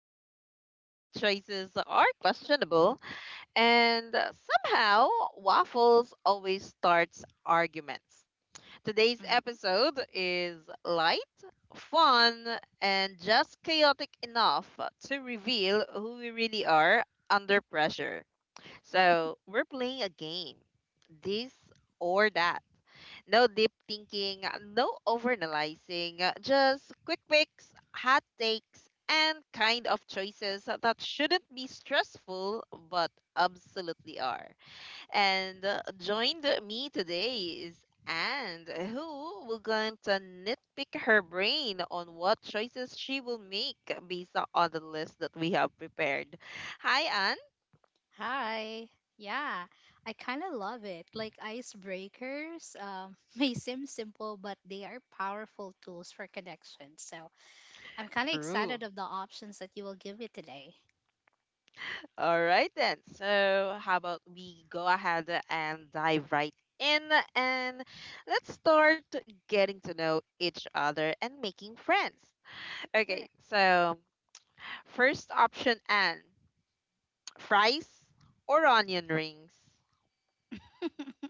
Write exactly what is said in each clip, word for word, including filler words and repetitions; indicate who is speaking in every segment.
Speaker 1: are strong, choices are questionable, and somehow waffles always starts arguments. Today's
Speaker 2: Mhm.
Speaker 1: episode is light, fun, and just chaotic enough to reveal who we really are under pressure. So, we're playing a game. This or that, no deep thinking, no overanalyzing, just quick picks, hot takes, and kind of choices that shouldn't be stressful but absolutely are. And uh, joined me today is Anne, who will going to nitpick her brain on what choices she will make based on the list that we have prepared. Hi, Anne.
Speaker 2: Hi. Yeah, I kind of love it. Like icebreakers, um, may seem simple, but they are powerful tools for connection. So I'm kind of
Speaker 1: True.
Speaker 2: excited of the options that you will give me today.
Speaker 1: All right then. So, how about we go ahead and dive right in and let's start getting to know each other and making friends. Okay,
Speaker 2: Sure.
Speaker 1: so first option Anne, fries or onion rings?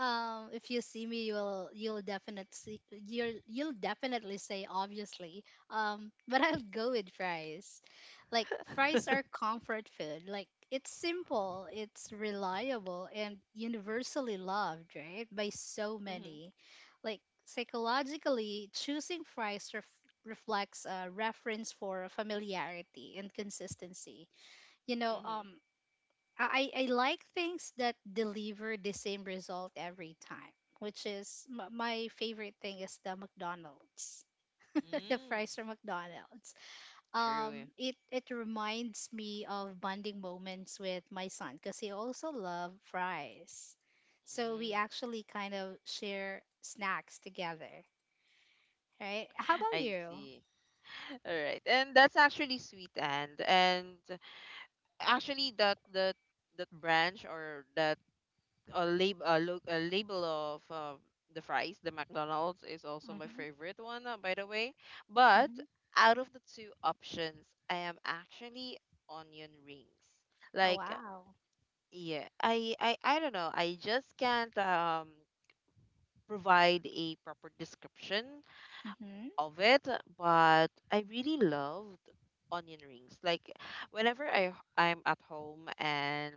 Speaker 2: Um, if you see me, you'll you'll definitely you'll you'll definitely say obviously. Um, but I'll go with fries. Like fries are comfort food. Like it's simple, it's reliable, and universally loved, right? By so
Speaker 1: Mm-hmm.
Speaker 2: many. Like psychologically, choosing fries ref- reflects a reference for familiarity and consistency. You know,
Speaker 1: Mm-hmm.
Speaker 2: um, I, I I like things that deliver the same result every time, which is m- my favorite thing is the McDonald's, the
Speaker 1: Mm.
Speaker 2: fries from McDonald's.
Speaker 1: True.
Speaker 2: Um, it it reminds me of bonding moments with my son because he also loves fries, so
Speaker 1: Mm-hmm.
Speaker 2: we actually kind of share snacks together, right? How about
Speaker 1: I
Speaker 2: you?
Speaker 1: see. All right. And that's actually sweet and and actually that that that branch or that a lab a, look a label of um, the fries, the McDonald's is also my
Speaker 2: Mm-hmm,
Speaker 1: favorite one, uh, by the way. But
Speaker 2: mm-hmm.
Speaker 1: out of the two options, I am actually onion rings.
Speaker 2: Oh
Speaker 1: Like, uh,
Speaker 2: wow.
Speaker 1: yeah, I I I don't know. I just can't um provide a proper description
Speaker 2: Mm-hmm,
Speaker 1: of it, but I really loved onion rings. Like, whenever I I'm at home and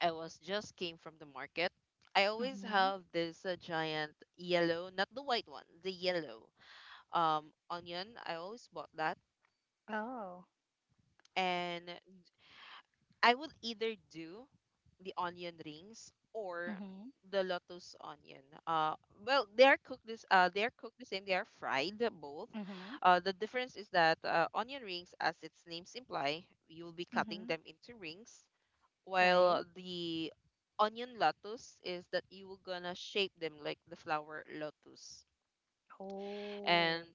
Speaker 1: I was just came from the market. I always
Speaker 2: mm-hmm.
Speaker 1: have this uh, giant yellow, not the white one, the yellow um onion. I always bought that,
Speaker 2: Oh.
Speaker 1: and I would either do the onion rings or the
Speaker 2: Mm-hmm,
Speaker 1: lotus onion. Uh, well, they are cooked this. Uh, they are cooked the same. They are fried uh, both. Uh, the
Speaker 2: mm-hmm,
Speaker 1: difference is that uh, onion rings, as its names imply, you'll be cutting
Speaker 2: mm-hmm.
Speaker 1: them into rings, while
Speaker 2: Right.
Speaker 1: the onion lotus is that you were gonna shape them like the flower lotus. And
Speaker 2: Oh,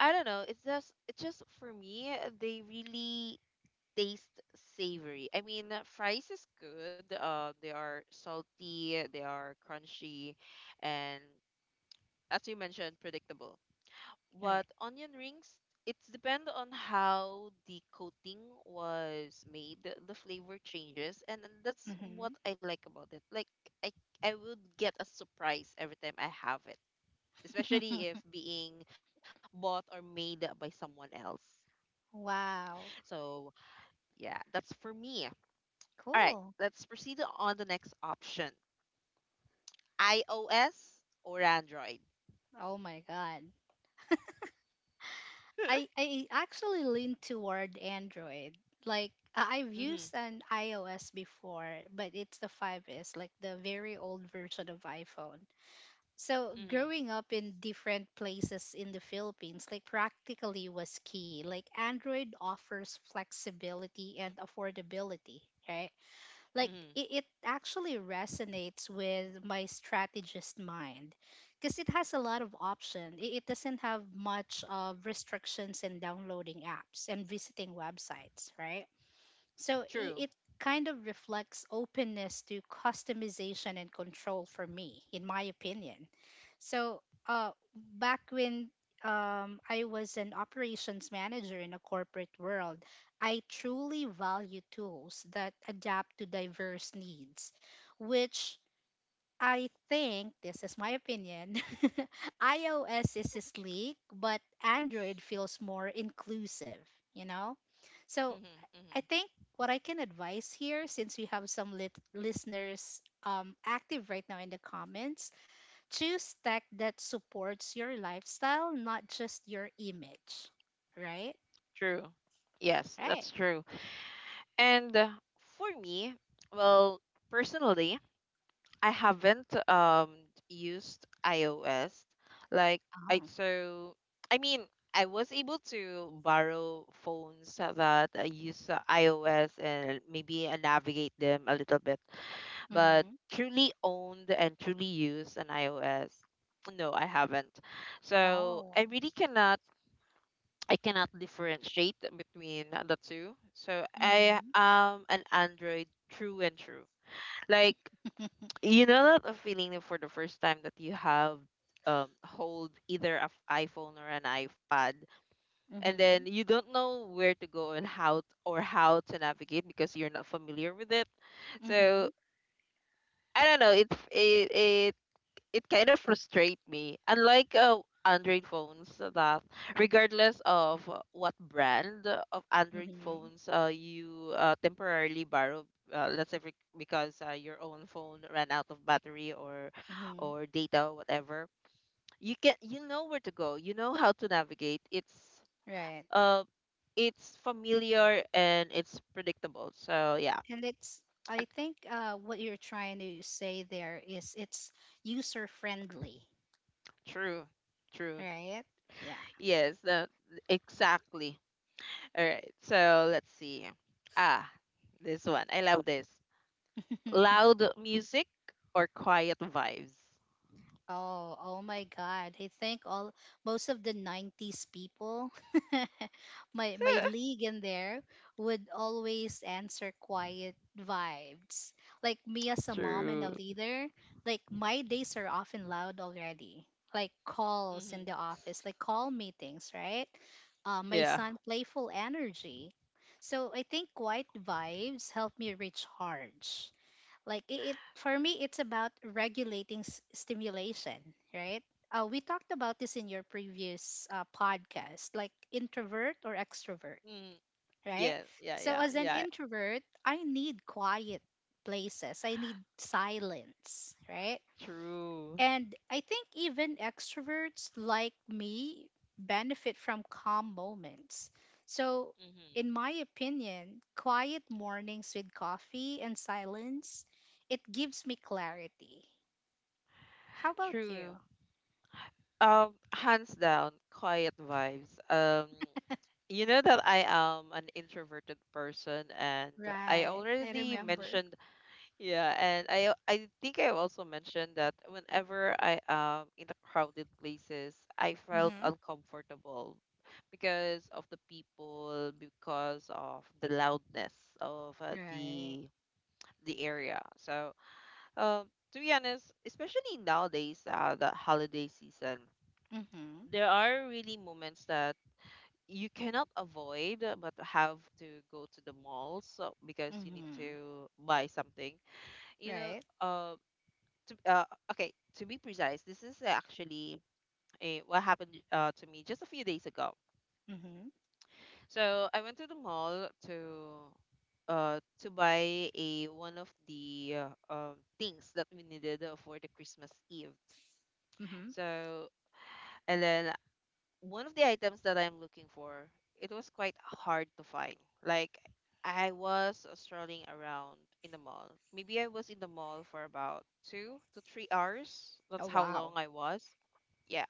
Speaker 1: I don't know, it's just it's just for me they really taste savory. I mean, uh, fries is good. Uh, they are salty, they are crunchy, and as you mentioned, predictable.
Speaker 2: right.
Speaker 1: What onion rings, it's depend on how the coating was made, the flavor changes and then that's
Speaker 2: Mm-hmm.
Speaker 1: what I like about it. Like i i would get a surprise every time I have it, especially if being bought or made by someone else.
Speaker 2: Wow.
Speaker 1: So yeah, that's for me. All right,
Speaker 2: Cool.
Speaker 1: let's proceed on the next option, iOS or Android.
Speaker 2: Oh my God.
Speaker 1: Mm-hmm.
Speaker 2: I I actually lean toward Android. Like I- I've used an iOS before, but it's the five S, like the very old version of iPhone. So
Speaker 1: Mm-hmm.
Speaker 2: growing up in different places in the Philippines, like practically was key. Like Android offers flexibility and affordability, right? Like it,
Speaker 1: Mm-hmm.
Speaker 2: it actually resonates with my strategist mind because it has a lot of options. It, it doesn't have much of restrictions in downloading apps and visiting websites, right? So it,
Speaker 1: True.
Speaker 2: it kind of reflects openness to customization and control for me, in my opinion. So, uh, back when um, I was an operations manager in a corporate world, I truly value tools that adapt to diverse needs, which I think, this is my opinion, iOS is sleek, but Android feels more inclusive, you know? So,
Speaker 1: Mm-hmm. Mm-hmm.
Speaker 2: I think what I can advise here, since we have some lit- listeners um, active right now in the comments, choose tech that supports your lifestyle, not just your image. Right?
Speaker 1: True. Yes,
Speaker 2: Right.
Speaker 1: that's true. And uh, for me, well, personally, I haven't um used iOS. Like I,
Speaker 2: Oh.
Speaker 1: so I mean, I was able to borrow phones that uh, use uh, iOS and maybe uh, navigate them a little bit, but
Speaker 2: Mm-hmm.
Speaker 1: truly owned and truly used an iOS, no, I haven't. So
Speaker 2: Oh.
Speaker 1: I really cannot, I cannot differentiate between the two. So I
Speaker 2: Mm-hmm.
Speaker 1: am an Android true and true. Like you know that a feeling for the first time that you have um hold either an iPhone or an iPad and
Speaker 2: Mm-hmm.
Speaker 1: then you don't know where to go and how t- or how to navigate because you're not familiar with it. So
Speaker 2: Mm-hmm.
Speaker 1: I don't know. It's it, it it kind of frustrate me. Unlike uh, Android phones, uh, that regardless of uh, what brand of Android
Speaker 2: Mm-hmm.
Speaker 1: phones uh, you uh, temporarily borrow, uh, let's say bec- because uh, your own phone ran out of battery or
Speaker 2: Mm-hmm.
Speaker 1: or data, whatever, you can, you know where to go. You know how to navigate. It's
Speaker 2: Right.
Speaker 1: uh, it's familiar and it's predictable. So yeah,
Speaker 2: And it's I think uh, what you're trying to say there is it's user friendly,
Speaker 1: true, true.
Speaker 2: right? Yeah.
Speaker 1: Yes, uh, exactly. All right, so let's see. Ah, this one. I love this. Loud music or quiet vibes?
Speaker 2: Oh, oh my God. I think all Most of the nineties people, my my league in there, would always answer quiet vibes. Like me as a mom and a
Speaker 1: True.
Speaker 2: leader, like my days are often loud already. Like calls in the
Speaker 1: Hmm.
Speaker 2: office, like call meetings, right? Uh, my
Speaker 1: Yeah.
Speaker 2: son playful energy. So I think quiet vibes help me recharge. Like it, it for me it's about regulating s- stimulation, right? uh, we talked about this in your previous uh, podcast, like introvert or extrovert,
Speaker 1: Mm,
Speaker 2: right?
Speaker 1: yeah, yeah,
Speaker 2: So
Speaker 1: yeah,
Speaker 2: as an
Speaker 1: yeah.
Speaker 2: introvert I need quiet places, I need silence, right?
Speaker 1: True.
Speaker 2: And I think even extroverts like me benefit from calm moments. So,
Speaker 1: Hmm.
Speaker 2: in my opinion, quiet mornings with coffee and silence, it gives me clarity. How about you?
Speaker 1: True. Um, hands down, quiet vibes. Um, you know that I am an introverted person, and I
Speaker 2: Right. I
Speaker 1: already
Speaker 2: remember.
Speaker 1: mentioned. Yeah, and I I think I also mentioned that whenever I am in the crowded places, I felt
Speaker 2: Mm-hmm.
Speaker 1: uncomfortable because of the people, because of the loudness of uh,
Speaker 2: Right.
Speaker 1: the the area. So, um, to be honest, especially nowadays, uh, the holiday season,
Speaker 2: Mm-hmm.
Speaker 1: there are really moments that you cannot avoid uh, but have to go to the malls uh, because you need
Speaker 2: Mm-hmm.
Speaker 1: to buy something. You know,
Speaker 2: Right.
Speaker 1: um, to uh, okay, to be precise, this is actually a, what happened uh, to me just a few days ago.
Speaker 2: Mm-hmm.
Speaker 1: So I went to the mall to uh, to buy a one of the uh, um, things that we needed uh, for the Christmas Eve.
Speaker 2: Mm-hmm.
Speaker 1: So, and then one of the items that I'm looking for, it was quite hard to find. Like I was strolling around in the mall. Maybe I was in the mall for about two to three hours. That's
Speaker 2: Oh,
Speaker 1: how long
Speaker 2: wow.
Speaker 1: I was. Yeah,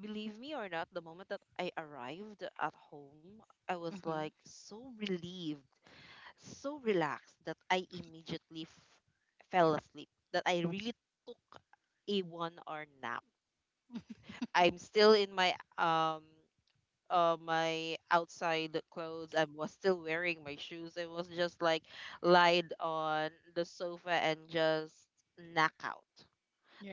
Speaker 1: believe me or not, the moment that I arrived at home, I was like
Speaker 2: Mm-hmm.
Speaker 1: so relieved, so relaxed that I immediately f- fell asleep. That I really took a one hour nap. I'm still in my um uh, my outside clothes. I was still wearing my shoes. I was just like lied on the sofa and just knock out.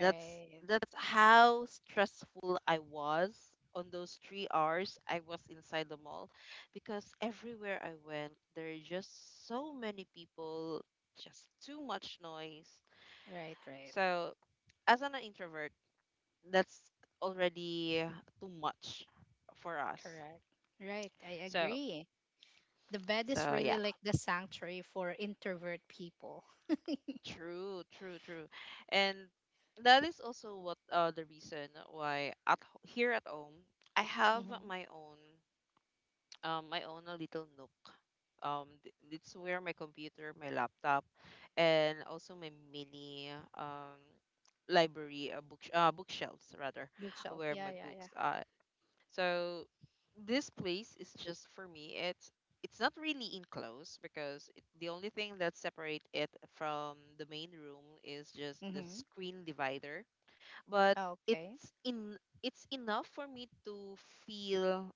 Speaker 1: That's that's how stressful I was on those three hours I was inside the mall because everywhere I went there are just so many people, just too much noise.
Speaker 2: Right. Right.
Speaker 1: So as an introvert, that's already too much for us.
Speaker 2: Correct. Right. I
Speaker 1: So
Speaker 2: agree. The bed is
Speaker 1: so
Speaker 2: really
Speaker 1: yeah.
Speaker 2: like the sanctuary for introvert people.
Speaker 1: True, true, true. And that is also what uh the reason why at h- here at home I have
Speaker 2: Mm-hmm.
Speaker 1: my own um my own a little nook. Um, th- it's where my computer, my laptop and also my mini um library uh, book uh, bookshelves rather,
Speaker 2: Bookshelf.
Speaker 1: where
Speaker 2: Yeah,
Speaker 1: my
Speaker 2: yeah, yeah.
Speaker 1: books uh, so this place is just for me. It's it's not really enclosed because it, the only thing that separate it from the main room is just the
Speaker 2: Mm-hmm.
Speaker 1: screen divider. But
Speaker 2: Okay.
Speaker 1: it's in, it's enough for me to feel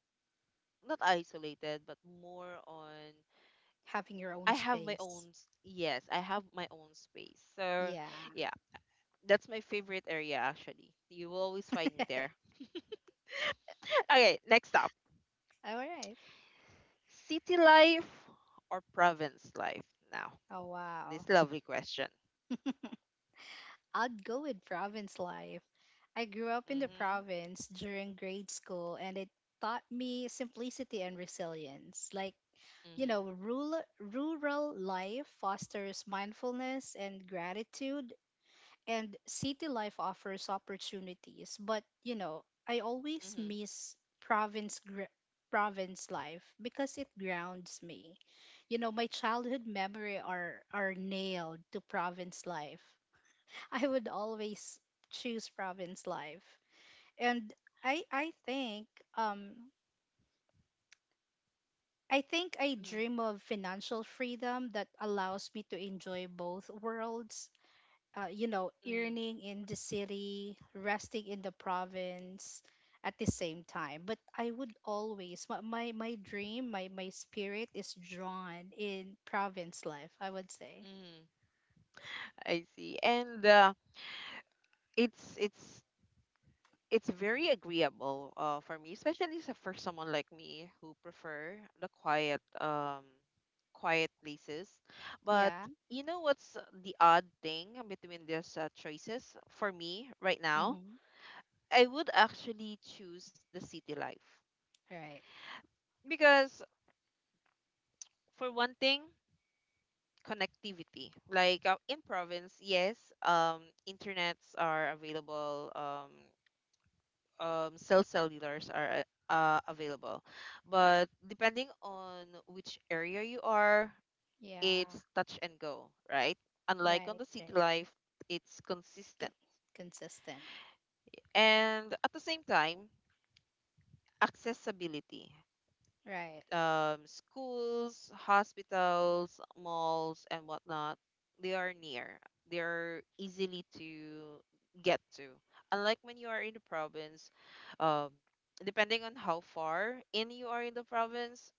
Speaker 1: not isolated, but more on
Speaker 2: Having your
Speaker 1: I
Speaker 2: own
Speaker 1: have my own
Speaker 2: space.
Speaker 1: s- yes, I have my own space. So
Speaker 2: Yeah.
Speaker 1: yeah, that's my favorite area actually. You will always find me there. Okay, next up.
Speaker 2: All right.
Speaker 1: City life or province life now?
Speaker 2: Oh, wow.
Speaker 1: This lovely question.
Speaker 2: I'd go with province life. I grew up in the
Speaker 1: Mm-hmm.
Speaker 2: province during grade school, and it taught me simplicity and resilience. Like, you know,
Speaker 1: Mm-hmm.
Speaker 2: rural, rural life fosters mindfulness and gratitude, and city life offers opportunities, but you know I always
Speaker 1: Mm-hmm.
Speaker 2: miss province gr- province life because it grounds me. You know, my childhood memory are are nailed to province life. I would always choose province life. And i i think, um I think I
Speaker 1: Mm-hmm.
Speaker 2: dream of financial freedom that allows me to enjoy both worlds, uh, you know,
Speaker 1: Mm-hmm.
Speaker 2: earning in the city, resting in the province at the same time. But I would always, my my, my dream, my my spirit is drawn in province life, I would say.
Speaker 1: Mm-hmm. I see. And uh, it's it's it's very agreeable uh, for me, especially s- for someone like me who prefer the quiet um quiet places. But
Speaker 2: Yeah.
Speaker 1: you know what's the odd thing between these uh, choices for me right now?
Speaker 2: Mm-hmm.
Speaker 1: I would actually choose the city life
Speaker 2: Right.
Speaker 1: because for one thing, connectivity. Like uh, in province, yes, um, internets are available, um, um, cell cellulars are uh, uh, available, but depending on which area you are,
Speaker 2: Yeah.
Speaker 1: it's touch and go, right? Unlike on
Speaker 2: Right.
Speaker 1: the city
Speaker 2: Right.
Speaker 1: life, it's consistent,
Speaker 2: Con- Consistent.
Speaker 1: and at the same time, accessibility.
Speaker 2: Right.
Speaker 1: Um, schools, hospitals, malls, and whatnot, they are near. They are easily to get to. Unlike when you are in the province, um, depending on how far in you are in the province,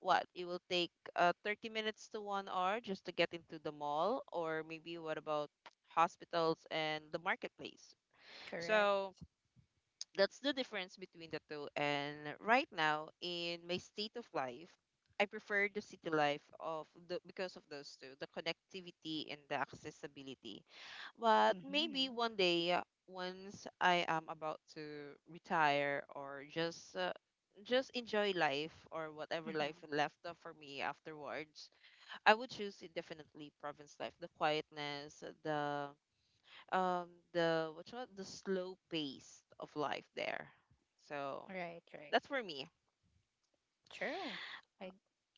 Speaker 1: what it will take uh, thirty minutes to one hour just to get into the mall, or maybe what about hospitals and the marketplace?
Speaker 2: Correct.
Speaker 1: So that's the difference between the two. And right now, in my state of life, I prefer the city life of the because of those two, the connectivity and the accessibility. But maybe
Speaker 2: Mm-hmm.
Speaker 1: one day, uh, once I am about to retire or just uh, just enjoy life or whatever life
Speaker 2: Mm-hmm.
Speaker 1: left uh, for me afterwards, I would choose it definitely province life, the quietness, the um the what you call it, the slow pace of life there.
Speaker 2: Right.
Speaker 1: So
Speaker 2: Right.
Speaker 1: that's for me.
Speaker 2: True. I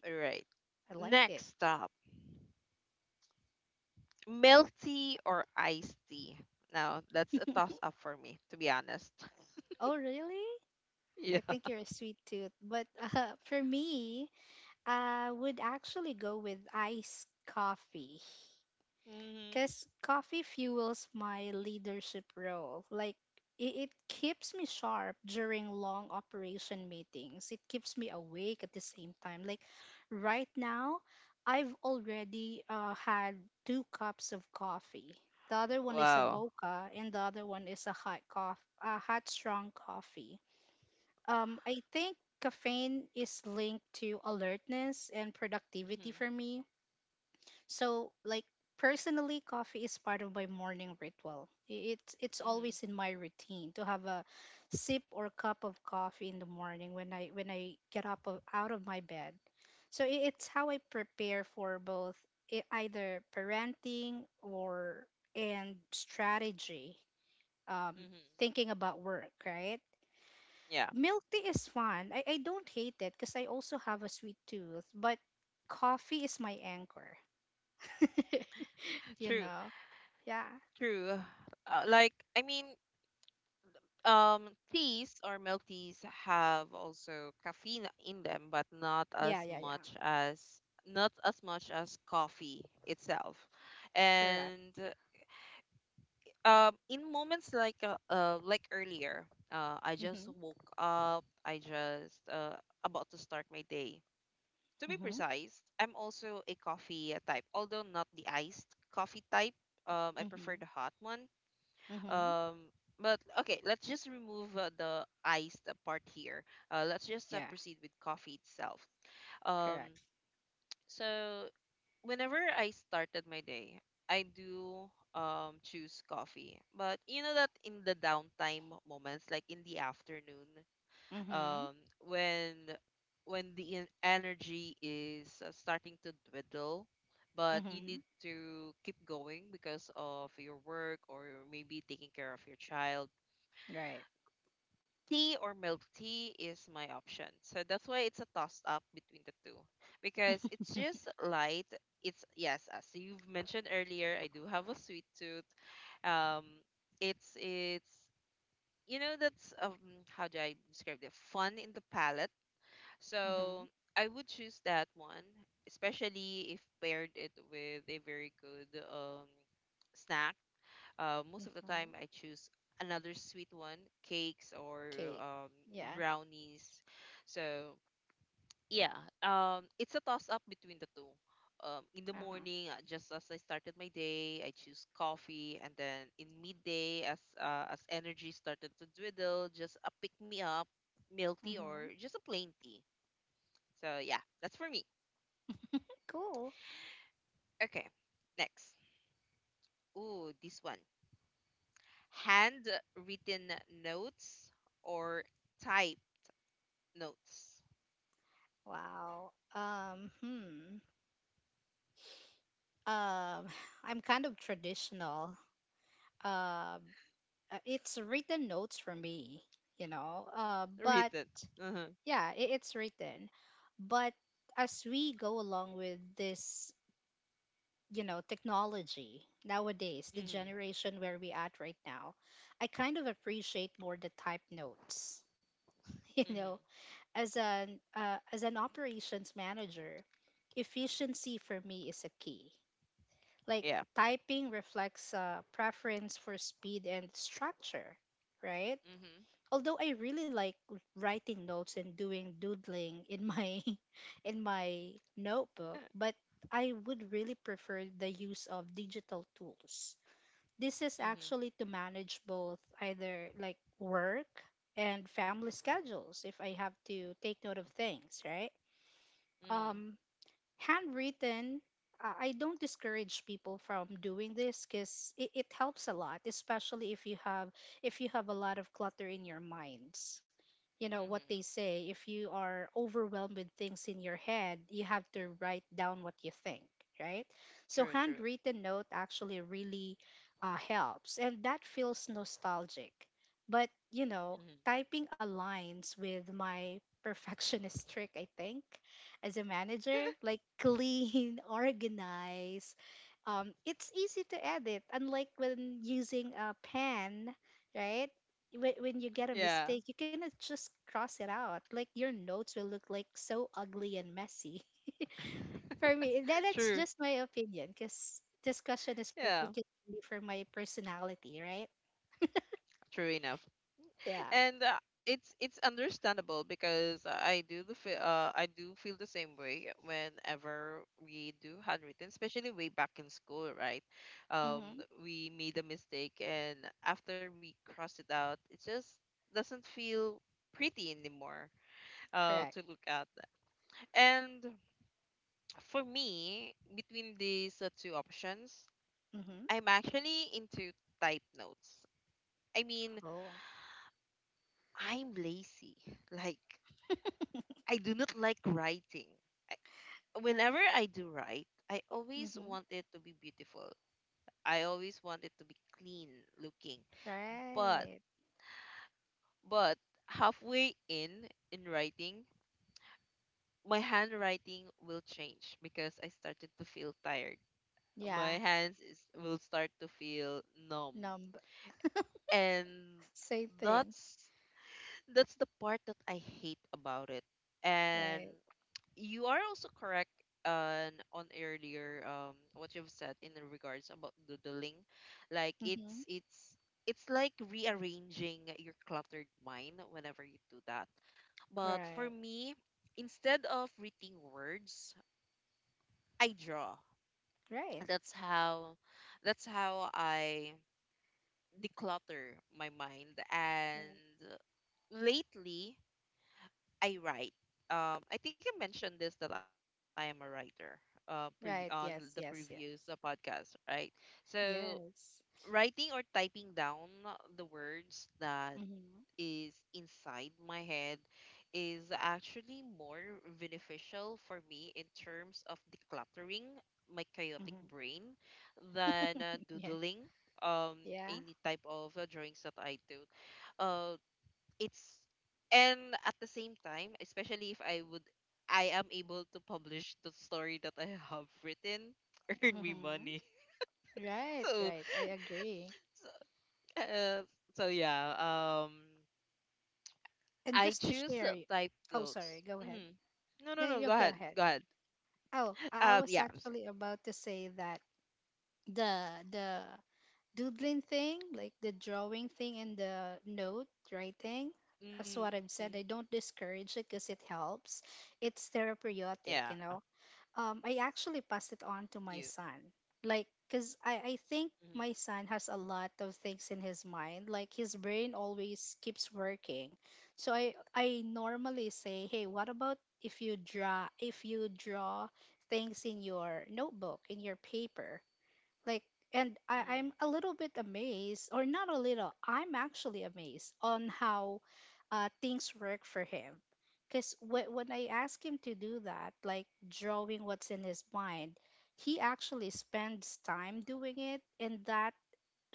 Speaker 1: All right.
Speaker 2: I like it.
Speaker 1: Next up, milk tea or iced tea. Now that's a toss up for me, to be honest.
Speaker 2: Oh, really? I
Speaker 1: Yeah.
Speaker 2: think you're a sweet tooth. But uh, for me, I would actually go with iced coffee
Speaker 1: Mhm.
Speaker 2: because coffee fuels my leadership role. Like, it, it keeps me sharp during long operation meetings, it keeps me awake at the same time. Like, right now, I've already uh, had two cups of coffee. The other one is a
Speaker 1: Wow.
Speaker 2: mocha, and the other one is a hot coffee, a hot strong coffee. Um, I think caffeine is linked to alertness and productivity
Speaker 1: Mhm.
Speaker 2: for me. So, like personally, coffee is part of my morning ritual. I- It's it's
Speaker 1: Mhm.
Speaker 2: always in my routine to have a sip or cup of coffee in the morning when I when I get up of, out of my bed. So i- it's how I prepare for both, e- either parenting or and strategy, um,
Speaker 1: Mhm.
Speaker 2: thinking about work, right?
Speaker 1: Yeah.
Speaker 2: Milk tea is fun. I, I don't hate it because I also have a sweet tooth, but coffee is my anchor. You
Speaker 1: True.
Speaker 2: know? Yeah.
Speaker 1: True. Uh, like I mean, um teas or milk teas have also caffeine in them but not
Speaker 2: Yeah,
Speaker 1: as
Speaker 2: yeah, yeah.
Speaker 1: much as not as much as coffee itself.
Speaker 2: Correct.
Speaker 1: And um in moments like uh, uh like earlier, uh, I just
Speaker 2: Mhm.
Speaker 1: woke up, I just uh about to start my day. To be
Speaker 2: Mhm.
Speaker 1: precise, I'm also a coffee type, although not the iced coffee type. Um, I prefer
Speaker 2: Mhm.
Speaker 1: the hot one.
Speaker 2: Mhm.
Speaker 1: Um, but okay, let's just remove uh, the iced part here. Uh, let's just uh,
Speaker 2: Yeah,
Speaker 1: proceed with coffee itself. Um,
Speaker 2: correct.
Speaker 1: so whenever I started my day, I do um choose coffee. But you know that in the downtime moments, like in the afternoon,
Speaker 2: Mhm.
Speaker 1: um, when when the en- energy is uh, starting to dwindle, but you need
Speaker 2: Mhm.
Speaker 1: to keep going because of your work or maybe taking care of your child,
Speaker 2: Right.
Speaker 1: tea or milk tea is my option. So that's why it's a toss up between the two because it's just light. It's yes, as you've mentioned earlier, I do have a sweet tooth. Um, it's it's you know that's um how do I describe it? Fun in the palate.
Speaker 2: Mhm.
Speaker 1: So I would choose that one, especially if paired it with a very good um snack uh, most of the
Speaker 2: Mhm.
Speaker 1: time, I choose another sweet one, cakes or
Speaker 2: Cake.
Speaker 1: um,
Speaker 2: Yeah.
Speaker 1: brownies. So yeah, um, it's a toss up between the two. Um, in the
Speaker 2: Uh-huh.
Speaker 1: morning, uh, just as I started my day, I choose coffee, and then in midday, as uh, as energy started to dwindle, just a pick me up, milk tea
Speaker 2: Mhm.
Speaker 1: or just a plain tea. So yeah, that's for me.
Speaker 2: Cool.
Speaker 1: Okay, next. Ooh, this one. Handwritten notes or type notes
Speaker 2: Wow. Um, hmm. Um, I'm kind of traditional. Um, uh, it's written notes for me, you know. Uh,
Speaker 1: written.
Speaker 2: but
Speaker 1: Uh-huh.
Speaker 2: yeah, it, it's written. But as we go along with this, you know, technology nowadays, the
Speaker 1: Mhm.
Speaker 2: generation where we at right now, I kind of appreciate more the type notes. You
Speaker 1: Mhm.
Speaker 2: know, as an uh, as an operations manager, efficiency for me is a key. Like
Speaker 1: Yeah.
Speaker 2: typing reflects a preference for speed and structure, right?
Speaker 1: Mhm.
Speaker 2: Although I really like writing notes and doing doodling in my in my notebook, but I would really prefer the use of digital tools. This is
Speaker 1: Mhm.
Speaker 2: actually to manage both, either like work and family schedules if I have to take note of things, right?
Speaker 1: Mhm.
Speaker 2: Um handwritten, uh, I don't discourage people from doing this because it, it helps a lot, especially if you have if you have a lot of clutter in your minds. You know what they
Speaker 1: Mhm.
Speaker 2: say: if you are overwhelmed with things in your head, you have to write down what you think, right? So
Speaker 1: True, true.
Speaker 2: handwritten note actually really uh, helps, and that feels nostalgic. But you know
Speaker 1: Mhm.
Speaker 2: typing aligns with my perfectionist trick, I think, as a manager. Like clean, organized. Um, it's easy to edit, unlike when using a pen, right? When, when you get a
Speaker 1: Yeah.
Speaker 2: mistake, you cannot just cross it out. Like your notes will look like so ugly and messy. For me, that, that's
Speaker 1: True.
Speaker 2: just my opinion, because this question is
Speaker 1: Yeah.
Speaker 2: particularly for my personality, right?
Speaker 1: True enough.
Speaker 2: Yeah.
Speaker 1: And uh, it's it's understandable because I do the fe- uh I do feel the same way whenever we do handwritten, especially way back in school, right? Um,
Speaker 2: Mm-hmm.
Speaker 1: we made a mistake, and after we cross it out, it just doesn't feel pretty anymore uh,
Speaker 2: Correct.
Speaker 1: to look at. And for me, between these uh, two options,
Speaker 2: Mm-hmm.
Speaker 1: I'm actually into type notes. I mean,
Speaker 2: Cool.
Speaker 1: I'm lazy. Like, I do not like writing. I, Whenever I do write, I always
Speaker 2: Mm-hmm.
Speaker 1: want it to be beautiful. I always want it to be clean looking. But,
Speaker 2: Right.
Speaker 1: but halfway in, in writing, my handwriting will change because I started to feel tired
Speaker 2: Yeah.
Speaker 1: my hands is, will start to feel numb.
Speaker 2: Number.
Speaker 1: And
Speaker 2: Same thing.
Speaker 1: that's that's the part that I hate about it. And
Speaker 2: Right.
Speaker 1: you are also correct on on earlier um what you've said in regards about doodling. Like
Speaker 2: Mm-hmm.
Speaker 1: it's it's it's like rearranging your cluttered mind whenever you do that. But for
Speaker 2: Right.
Speaker 1: me, instead of reading words, I draw.
Speaker 2: Right.
Speaker 1: That's how that's how I declutter my mind
Speaker 2: Right.
Speaker 1: and lately I write, um I think I mentioned this that I am a writer, uh prev on the
Speaker 2: Right. Yes.
Speaker 1: previous uh,
Speaker 2: Yes. Yes.
Speaker 1: podcast, right? So
Speaker 2: Yes.
Speaker 1: writing or typing down the words that
Speaker 2: Mm-hmm.
Speaker 1: is inside my head is actually more beneficial for me in terms of decluttering my chaotic
Speaker 2: Mm-hmm.
Speaker 1: brain than uh,
Speaker 2: Yeah.
Speaker 1: doodling um
Speaker 2: Yeah.
Speaker 1: any type of uh, drawings that I do uh it's and at the same time, especially if I would I am able to publish the story that I have written, earn me
Speaker 2: Mm-hmm.
Speaker 1: money.
Speaker 2: Right.
Speaker 1: so
Speaker 2: Right. I agree.
Speaker 1: uh, so yeah, um
Speaker 2: And
Speaker 1: I
Speaker 2: just to
Speaker 1: choose
Speaker 2: share,
Speaker 1: uh,
Speaker 2: y-
Speaker 1: type
Speaker 2: oh, sorry.
Speaker 1: notes.
Speaker 2: Go ahead.
Speaker 1: Mm-hmm. no no
Speaker 2: No,
Speaker 1: no go
Speaker 2: you go
Speaker 1: ahead,
Speaker 2: ahead.
Speaker 1: go ahead.
Speaker 2: Oh, I I
Speaker 1: um
Speaker 2: was
Speaker 1: yeah
Speaker 2: actually about to say that the the doodling thing, like the drawing thing and the note writing, that's
Speaker 1: mm-hmm.
Speaker 2: what I've said. I don't discourage it because it helps. It's
Speaker 1: Yeah.
Speaker 2: therapeutic, you know. um, I actually
Speaker 1: You.
Speaker 2: passed it on to my son. Like, because I, I
Speaker 1: Mm-hmm.
Speaker 2: think my son has a lot of things in his mind. Like, his brain always keeps working. So I, I normally say, hey, what about if you draw if you draw things in your notebook, in your paper, like. And I,
Speaker 1: Mm-hmm.
Speaker 2: I'm a little bit amazed, or not a little I'm actually amazed on how uh, things work for him. Because wh- when I ask him to do that, like drawing what's in his mind, he actually spends time doing it. And that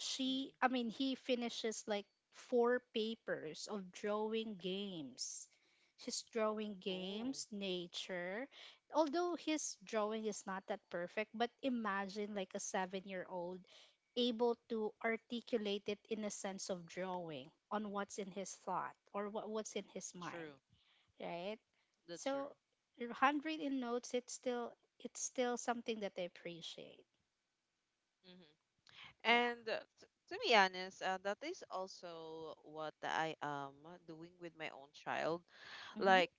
Speaker 1: Mm-hmm.
Speaker 2: I mean he finishes like four papers of drawing games. He's drawing
Speaker 1: Oh,
Speaker 2: games, nature. Although his drawing is not that perfect, but imagine like a seven year old able to articulate it in a sense of drawing on what's in his thought, or what, what's in his
Speaker 1: true,
Speaker 2: mind, right?
Speaker 1: that's true.
Speaker 2: So your handwritten notes, it's still, it's still something that I appreciate. Yeah.
Speaker 1: And uh, t- to be honest, uh, that is also what I am doing with my own child.
Speaker 2: Mm-hmm,
Speaker 1: Like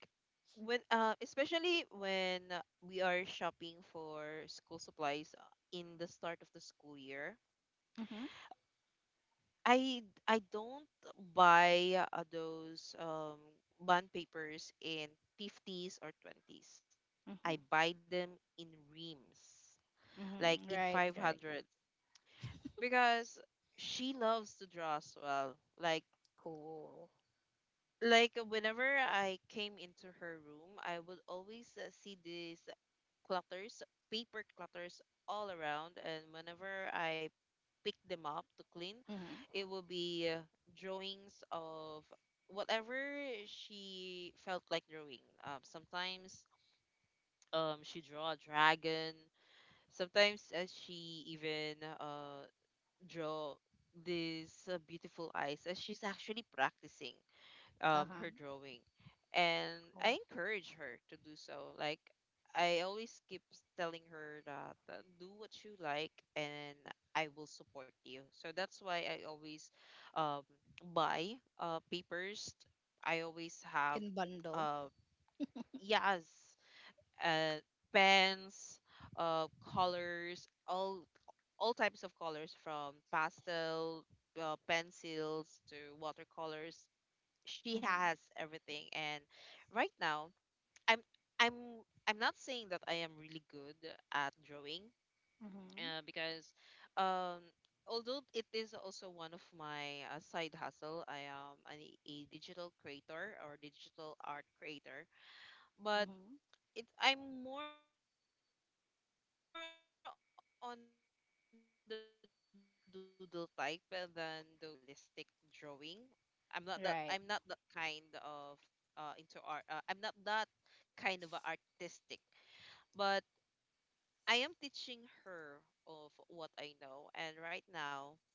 Speaker 1: when, uh, especially when uh, we are shopping for school supplies uh, in the start of the school year,
Speaker 2: mm-hmm,
Speaker 1: I I don't buy uh, those um, bond papers in fifties or twenties. I
Speaker 2: mm-hmm.
Speaker 1: buy them in reams, like in
Speaker 2: Mm-hmm. Right,
Speaker 1: five hundred
Speaker 2: right.
Speaker 1: because she loves to draw as well. Like
Speaker 2: Cool.
Speaker 1: like whenever I came into her room, I would always uh, see these clutters, paper clutters all around. And whenever I pick them up to clean,
Speaker 2: Mm-hmm.
Speaker 1: it would be uh, drawings of whatever she felt like drawing. Um, sometimes um, she draw a dragon. Sometimes uh, she even uh, draw these uh, beautiful eyes as she's actually practicing um,
Speaker 2: Uh-huh.
Speaker 1: her drawing, and
Speaker 2: Cool.
Speaker 1: I encourage her to do so. Like I always keep telling her that uh, do what you like, and I will support you. So that's why I always, um, buy uh, papers. I always have
Speaker 2: In bundle.
Speaker 1: uh, yes, uh, pens, uh, colors, all all types of colors from pastel uh, pencils to watercolors. She
Speaker 2: Mm-hmm.
Speaker 1: has everything. And right now, i'm i'm i'm not saying that I am really good at drawing,
Speaker 2: Mm-hmm.
Speaker 1: uh, because um although it is also one of my uh, side hustle, I am an, a digital creator or digital art creator, but
Speaker 2: Mm-hmm.
Speaker 1: it, I'm more on the doodle type than those what you saw uh, on others uh, have this very realistic drawing. I'm not
Speaker 2: Right.
Speaker 1: that I'm not that kind of uh, into art. Uh, I'm not that kind of a artistic, but I am teaching her of what I know. And right now,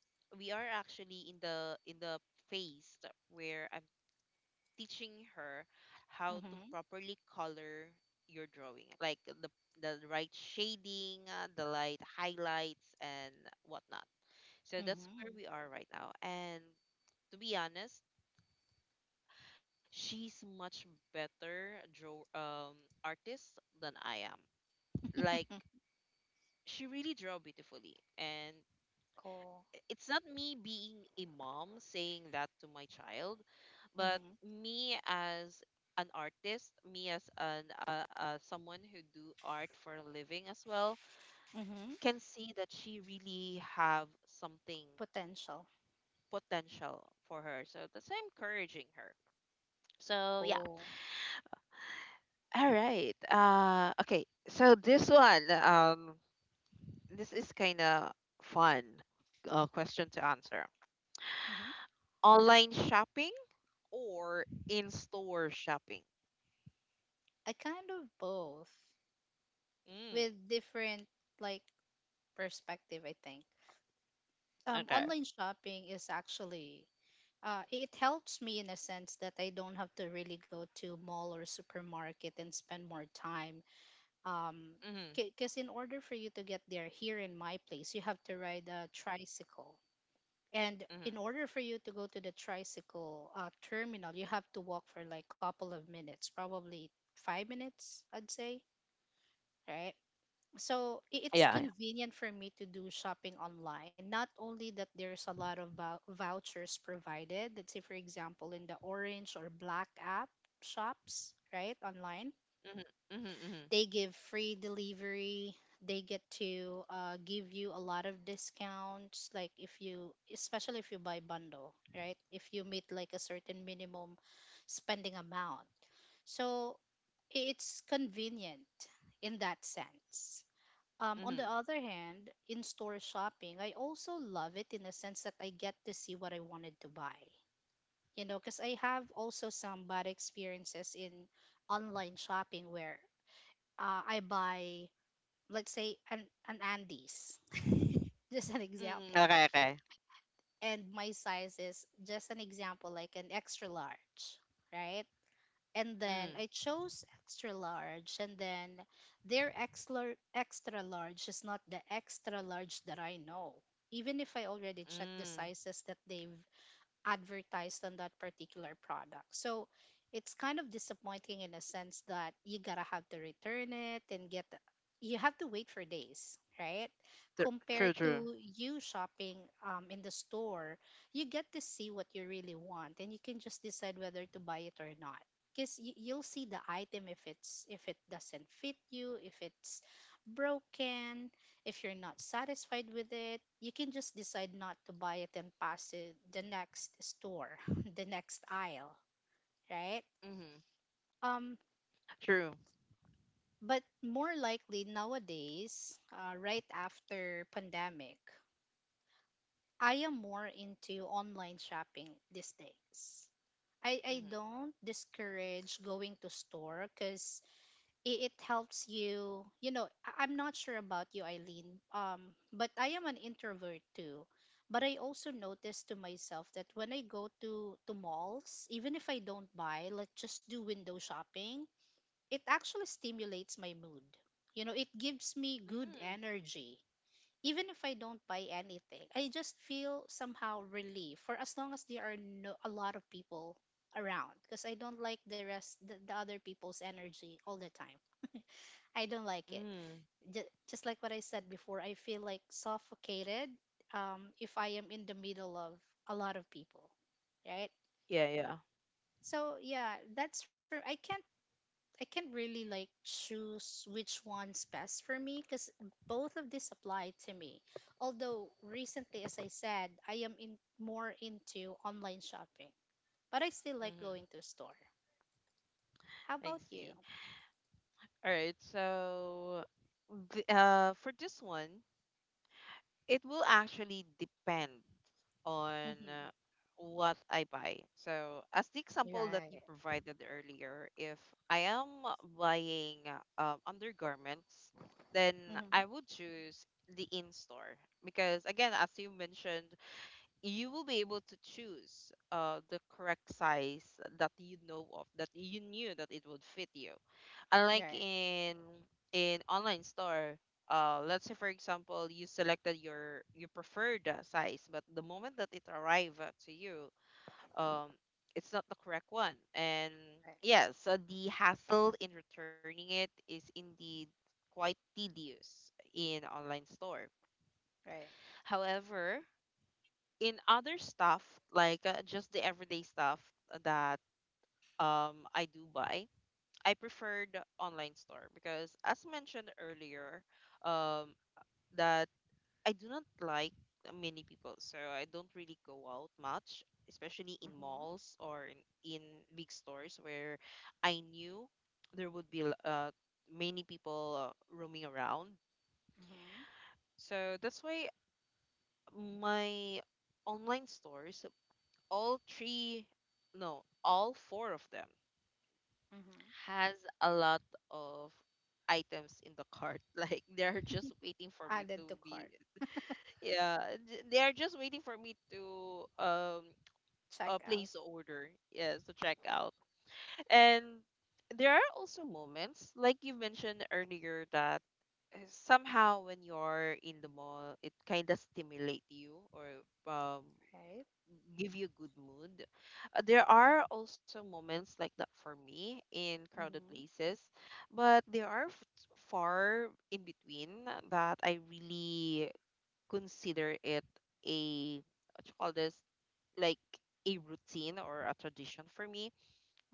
Speaker 1: we are actually in the in the phase where I'm teaching her how
Speaker 2: Mm-hmm.
Speaker 1: to properly color your drawing, like the the right shading, uh, the light highlights, and whatnot. So that's where
Speaker 2: Mm-hmm.
Speaker 1: we are right now. And to be honest, she's much better draw um artist than I am. Like she really draw beautifully, and
Speaker 2: cool.
Speaker 1: it's not me being a mom saying that to my child, but
Speaker 2: Mm-hmm.
Speaker 1: me as an artist, me as an uh, uh, someone who do art for a living as well,
Speaker 2: Mm-hmm.
Speaker 1: can see that she really have something
Speaker 2: Potential.
Speaker 1: potential for her. So that's why I'm encouraging her. So yeah.
Speaker 2: Cool.
Speaker 1: All right. Uh, okay. So this one, um, this is kind of fun uh, question to answer.
Speaker 2: Mm-hmm.
Speaker 1: Online shopping or in-store shopping?
Speaker 2: I kind of both,
Speaker 1: Mm,
Speaker 2: with different like perspective, I think. Um,
Speaker 1: okay.
Speaker 2: online shopping is actually uh, it helps me in a sense that I don't have to really go to mall or supermarket and spend more time, um
Speaker 1: Mm-hmm,
Speaker 2: because in order for you to get there here in my place, you have to ride a tricycle. And in
Speaker 1: mm-hmm.
Speaker 2: order for you to go to the tricycle uh, terminal, you have to walk for like couple of minutes, probably five minutes, I'd say, right? So i- it's
Speaker 1: Yeah, yeah.
Speaker 2: convenient for me to do shopping online. Not only that, there's a lot of vou- vouchers provided, let's say for example in the orange or black app shops, right? Online
Speaker 1: Mm-hmm, mm-hmm, mm-hmm,
Speaker 2: they give free delivery. They get to uh, give you a lot of discounts, like if you, especially if you buy bundle, right? If you meet like a certain minimum spending amount. So i- it's convenient in that sense. Um, on the
Speaker 1: mm-hmm.
Speaker 2: other hand, in store shopping, I also love it in the sense that I get to see what I wanted to buy. You know, because I have also some bad experiences in online shopping where uh, I buy let's say an, an Andes, just an
Speaker 1: Mm-hmm.
Speaker 2: example.
Speaker 1: Okay, okay.
Speaker 2: And my size is just an example, like an extra large, right? And then
Speaker 1: Mm,
Speaker 2: I chose extra large, and then their extra extra large is not the extra large that I know. Even if I already checked the
Speaker 1: mm.
Speaker 2: sizes that they've advertised on that particular product. So it's kind of disappointing in a sense that you gotta have to return it and get the- you have to wait for days, right?
Speaker 1: Tr-
Speaker 2: Compared
Speaker 1: True, true.
Speaker 2: to you shopping um, in the store, you get to see what you really want and you can just decide whether to buy it or not. Because you'll see the item if it's if it doesn't fit you, if it's broken, if you're not satisfied with it, you can just decide not to buy it and pass it the next store, the next aisle, right?
Speaker 1: Mm-hmm.
Speaker 2: Um,
Speaker 1: True.
Speaker 2: but more likely nowadays, uh, right after pandemic, I am more into online shopping these days. I, I don't discourage going to store because i- it helps you. You know, I- I'm not sure about you, Eileen, um but I am an introvert too. But I also notice to myself that when I go to to malls, even if I don't buy, like just do window shopping, it actually stimulates my mood. You know, it gives me good
Speaker 1: Mm-hmm. Mm,
Speaker 2: energy. Even if I don't buy anything, I just feel somehow relief for as long as there are no a lot of people around, because I don't like the rest the, the other people's energy all the time. I don't like it.
Speaker 1: mm.
Speaker 2: Just, just like what I said before, I feel like suffocated um, if I am in the middle of a lot of people, right?
Speaker 1: Yeah, yeah.
Speaker 2: So yeah, that's for I can't. I can't really like choose which one's best for me because both of these apply to me. Although recently, as I said, I am in more into online shopping, but I still like
Speaker 1: Mm-hmm.
Speaker 2: going to store. How
Speaker 1: I
Speaker 2: about you?
Speaker 1: see. All right. So, the, uh, for this one. It will actually depend on
Speaker 2: Mm-hmm.
Speaker 1: uh, what I buy. So, as the example that you
Speaker 2: Right.
Speaker 1: provided earlier, if I am buying um, undergarments, then I
Speaker 2: Mm-hmm.
Speaker 1: would choose the in store because, again, as you mentioned, you will be able to choose uh, the correct size that you know of, that you knew that it would fit you unlike
Speaker 2: Right.
Speaker 1: in in online store. Uh let's say, for example, you selected your your preferred uh, size, but the moment that it arrive uh, to you um it's not the correct one, and
Speaker 2: Right.
Speaker 1: yeah, so the hassle in returning it is indeed quite tedious in online store.
Speaker 2: Right.
Speaker 1: However, in other stuff like uh, just the everyday stuff that um I do buy, I prefer the online store because, as mentioned earlier, um, that I do not like many people, so I don't really go out much, especially in malls or in, in big stores where I knew there would be uh, many people uh, roaming around.
Speaker 2: Mm-hmm.
Speaker 1: So that's why my online stores, all three, no, all four of them
Speaker 2: Mm-hmm.
Speaker 1: has a lot of items in the cart. Like they're just waiting for me to
Speaker 2: Added to
Speaker 1: be
Speaker 2: cart.
Speaker 1: yeah, th- they are just waiting for me to um uh,
Speaker 2: Check
Speaker 1: place
Speaker 2: out,
Speaker 1: the order. Yes, to check out. And there are also moments like you mentioned earlier that somehow when you're in the mall, it kind of stimulate you or um
Speaker 2: right?
Speaker 1: give you good mood. Uh, There are also moments like that for me in crowded
Speaker 2: Mm-hmm.
Speaker 1: places, but there are f- far in between that I really consider it a what you call this like a routine or a tradition for me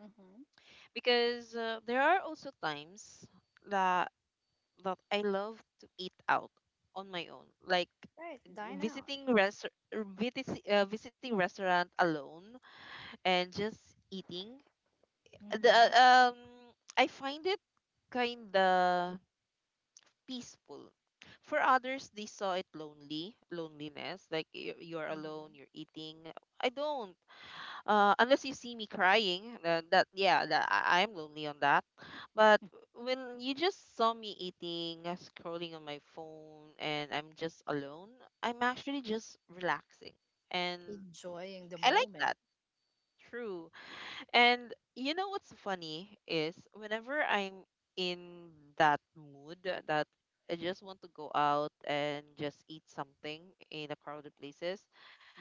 Speaker 2: Mm-hmm.
Speaker 1: because uh, there are also times that that I love to eat out on my own like
Speaker 2: Right, dine out.
Speaker 1: visiting res- visit, uh, visiting restaurant alone and just eating. The uh,
Speaker 2: Mm-hmm.
Speaker 1: um I find it kinda peaceful. For others, they saw it lonely, loneliness, like y- you're alone, you're
Speaker 2: Mm-hmm.
Speaker 1: eating. I don't, uh, unless you see me crying. Uh, that yeah, that I, I'm lonely on that. But when you just saw me eating, uh, scrolling on my phone, and I'm just alone, I'm actually just relaxing, and
Speaker 2: Enjoying the
Speaker 1: I like that.
Speaker 2: moment.
Speaker 1: True. And you know what's funny is whenever I'm in that mood that I just want to go out and just eat something in a crowded places,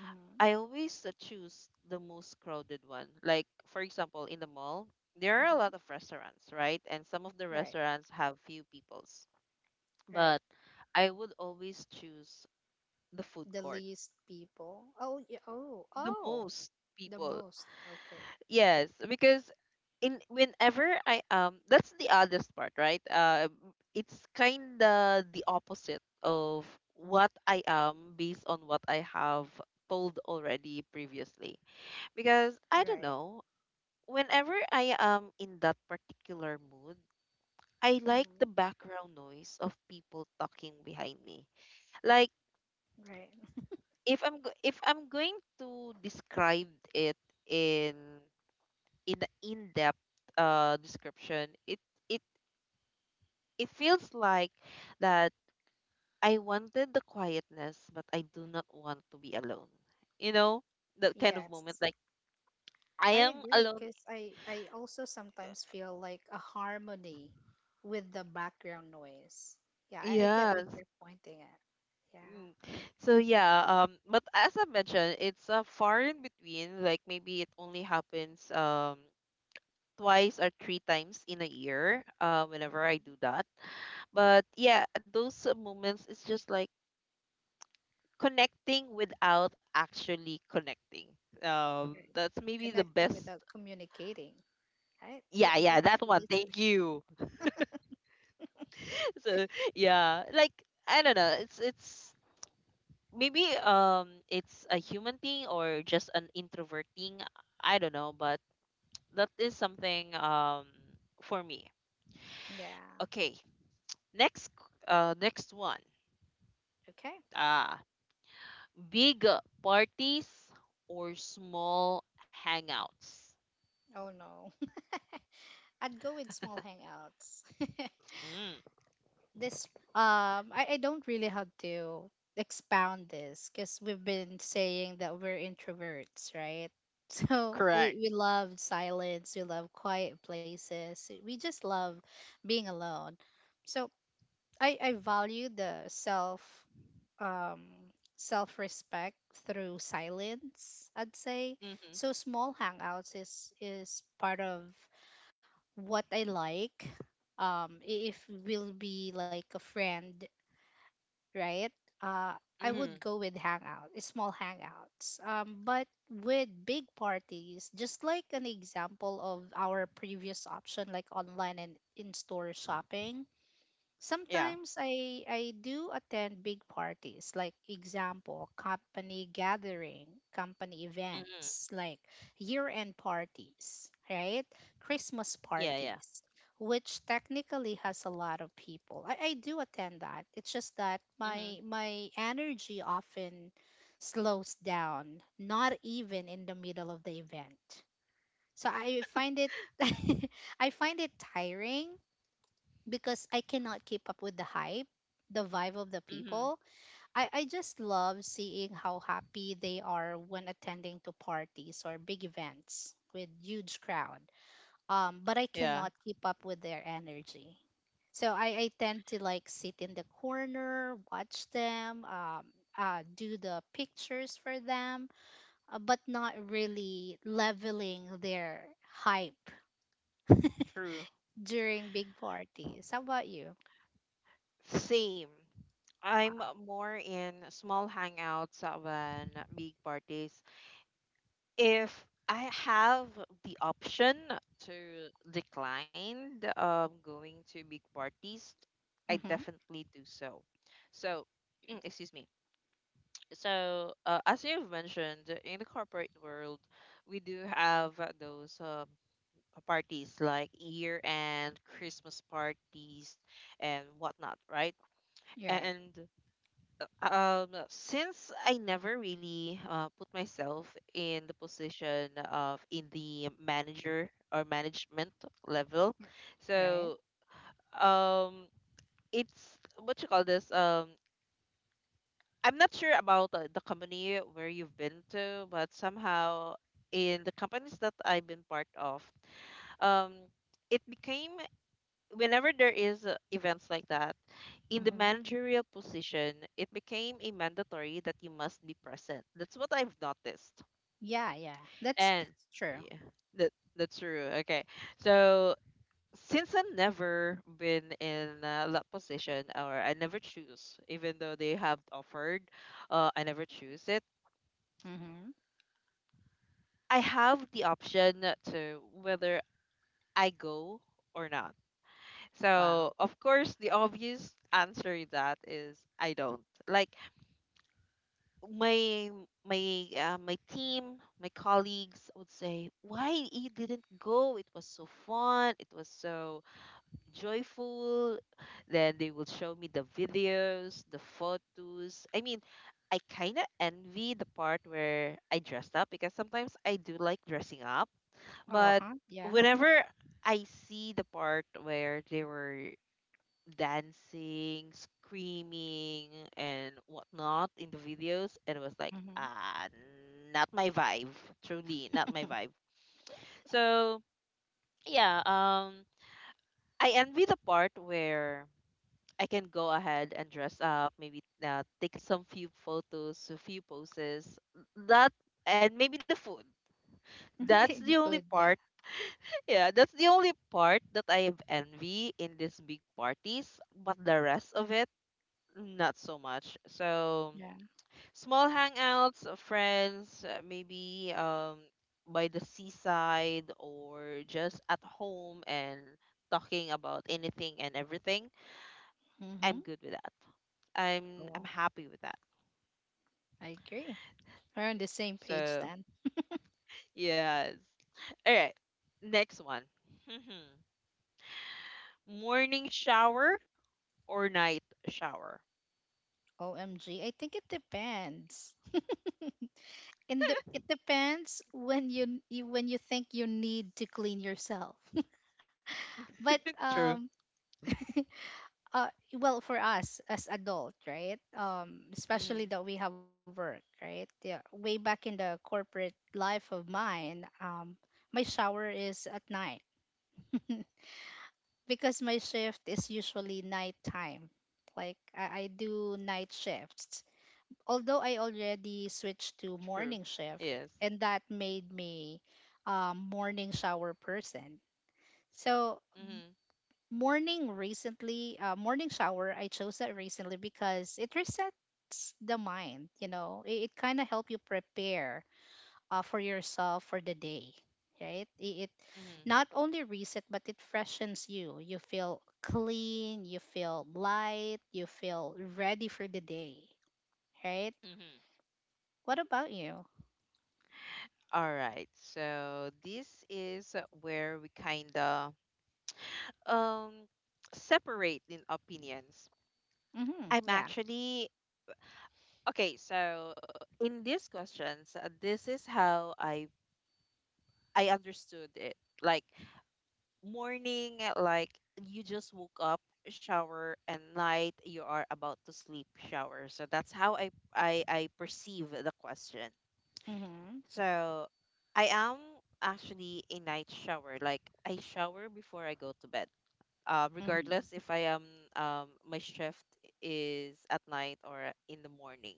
Speaker 2: Mm-hmm.
Speaker 1: I always uh, choose the most crowded one. Like for example, in the mall, there are a lot
Speaker 2: Mm-hmm.
Speaker 1: of restaurants, right? And some of the
Speaker 2: Right,
Speaker 1: restaurants have few peoples.
Speaker 2: right.
Speaker 1: But I would always choose the food
Speaker 2: The
Speaker 1: court,
Speaker 2: least people. Oh, yeah, oh,
Speaker 1: the
Speaker 2: oh,
Speaker 1: most
Speaker 2: the
Speaker 1: people.
Speaker 2: most. Okay.
Speaker 1: Yes, because in whenever I um that's the oddest part, right? Uh, it's kinda the opposite of what I am based on what I have told already previously.
Speaker 2: Right,
Speaker 1: Because I don't know, whenever I am in that particular mood, I like
Speaker 2: Mm-hmm.
Speaker 1: the background noise of people talking behind me. Like
Speaker 2: right.
Speaker 1: if I'm go- if I'm going to describe it in in a in-depth uh description, it it it feels like that I wanted the quietness, but I do not want to be alone. You know, that kind of moment.
Speaker 2: Yes.
Speaker 1: Like I
Speaker 2: I
Speaker 1: am
Speaker 2: agree
Speaker 1: alone.
Speaker 2: because I, I also sometimes feel like a harmony with the background noise. Yeah, I, I get what
Speaker 1: Yes.
Speaker 2: you're pointing at. Yeah.
Speaker 1: Mm. So yeah. Um. But as I mentioned, it's uh, far in between. Like maybe it only happens um twice or three times in a year. Uh, whenever I do that. But yeah, those uh, moments. Is just like connecting without actually connecting um
Speaker 2: Right.
Speaker 1: that's maybe the
Speaker 2: Connecting
Speaker 1: best.
Speaker 2: without communicating, right? J-
Speaker 1: Yeah, yeah,
Speaker 2: just
Speaker 1: that one.
Speaker 2: listening.
Speaker 1: Thank you. So yeah, like I don't know. It's it's maybe um it's a human thing or just an introvert thing. I don't know, but that is something um for me.
Speaker 2: Yeah.
Speaker 1: Okay, next uh next one.
Speaker 2: Okay.
Speaker 1: Ah, big parties or small hangouts.
Speaker 2: Oh no. I'd go with small hangouts.
Speaker 1: Mm.
Speaker 2: This, um I, I don't really have to expound this because we've been saying that we're introverts, right? So
Speaker 1: Correct.
Speaker 2: we, we love silence, we love quiet places, we just love being alone. So I, I value the self, um, self respect through silence, I'd say.
Speaker 1: Mm-hmm.
Speaker 2: So small hangouts is is part of what I like. Um, i- if we'll be like a friend, right? Uh, I would
Speaker 1: Mm-hmm.
Speaker 2: go with hangout, small hangouts. Um, but with big parties, just like an example of our previous option, like online and in store shopping,
Speaker 1: Yeah.
Speaker 2: sometimes I I do attend big parties, like example, company gathering, company
Speaker 1: Mm-hmm.
Speaker 2: events, like year-end parties, right? Christmas
Speaker 1: Yeah, yeah.
Speaker 2: parties, which technically has a lot of people. I, I do attend that. It's just that
Speaker 1: Mm-hmm.
Speaker 2: my my energy often slows down, not even in the middle of the event. So I find it I find it tiring because I cannot keep up with the hype, the vibe of the
Speaker 1: Mm-hmm.
Speaker 2: people. I, I just love seeing how happy they are when attending to parties or big events with huge crowd. Um, but I
Speaker 1: Yeah.
Speaker 2: cannot keep up with their energy. So I, I tend to like sit in the corner, watch them, um, uh, do the pictures for them, uh, but not really leveling their hype
Speaker 1: True.
Speaker 2: during big parties. How about you?
Speaker 1: Same. I'm
Speaker 2: Wow.
Speaker 1: more in small hangouts than big parties. If I have the option to decline the, um, going to big parties, I
Speaker 2: Mm-hmm.
Speaker 1: definitely do so. So, excuse me. So, uh, as you've mentioned, in the corporate world, we do have uh, those um, parties like year-end, Christmas parties, and whatnot, right?
Speaker 2: You're right.
Speaker 1: And Um, since I never really uh, put myself in the position of in the manager or management level,
Speaker 2: Right?
Speaker 1: so um, it's what you call this. Um, I'm not sure about uh, the company where you've been to, but somehow in the companies that I've been part of, um, it became whenever there is uh, events like that in the
Speaker 2: Hmm.
Speaker 1: managerial position, it became a mandatory that you must be present. That's what I've noticed.
Speaker 2: Yeah, yeah. That's
Speaker 1: And
Speaker 2: that's true.
Speaker 1: yeah, that that's true, okay. So since I've never been in uh, that position, or I never choose even though they have offered, uh, I never choose it.
Speaker 2: Hmm.
Speaker 1: I have the option to whether I go or not.
Speaker 2: Wow.
Speaker 1: So of course the obvious answer that is I don't. Like my my uh, my team, my colleagues would say, "Why you didn't go? It was so fun. It was so joyful." Then they will show me the videos, the photos. I mean, I kind of envy the part where I dressed up because sometimes I do like dressing up,
Speaker 2: Oh,
Speaker 1: but
Speaker 2: huh? Yeah.
Speaker 1: whenever I see the part where they were dancing, screaming, and whatnot in the videos, and it was like,
Speaker 2: Hmm.
Speaker 1: ah, not my vibe. Truly, not my vibe. So yeah, um, I envy the part where I can go ahead and dress up, maybe uh, take some few photos, a few poses. That and maybe the food. That's the
Speaker 2: The
Speaker 1: only
Speaker 2: food.
Speaker 1: part.
Speaker 2: Yeah,
Speaker 1: Yeah, that's the only part that I have envy in these big parties. But the rest of it, not so much. So
Speaker 2: yeah.
Speaker 1: small hangouts of friends, uh, maybe um by the seaside or just at home and talking about anything and everything.
Speaker 2: Hmm.
Speaker 1: I'm good with that. I'm I'm
Speaker 2: Cool.
Speaker 1: happy with that.
Speaker 2: I agree. We're on the same page
Speaker 1: So
Speaker 2: then.
Speaker 1: yes. All right. Next one. Morning shower or night shower?
Speaker 2: O M G. I think it depends. And the, it depends when you, you when you think you need to clean yourself. But
Speaker 1: True.
Speaker 2: um uh well, for us as adult, right? Um especially
Speaker 1: Hmm.
Speaker 2: that we have work, right? Yeah, way back in the corporate life of mine, um my shower is at night.
Speaker 1: True.
Speaker 2: Because my shift is usually nighttime. Like, I, I
Speaker 1: Yes.
Speaker 2: do night shifts. Although I already switched to morning shift, and that made me um morning shower person. So
Speaker 1: Hmm.
Speaker 2: morning, recently, uh, morning shower, I chose that recently because it resets the mind. You know, it, it kind of help you prepare uh, for yourself for the day, right? It, it
Speaker 1: Hmm.
Speaker 2: not only reset, but it freshens you. You feel clean, you feel light, you feel ready for the day, right?
Speaker 1: Hmm.
Speaker 2: What about you?
Speaker 1: All right. So this is where we kind of um separate in opinions.
Speaker 2: Mm-hmm,
Speaker 1: I'm
Speaker 2: yeah.
Speaker 1: actually okay, so uh, in these questions, uh, this is how I I understood it. Like morning, like you just woke up, shower, and night you are about to sleep, shower. So that's how I I I perceive the question.
Speaker 2: Mm-hmm.
Speaker 1: So I am actually a night shower. Like I shower before I go to bed. Um,
Speaker 2: Mm-hmm.
Speaker 1: regardless if I am um my shift is at night or in the morning.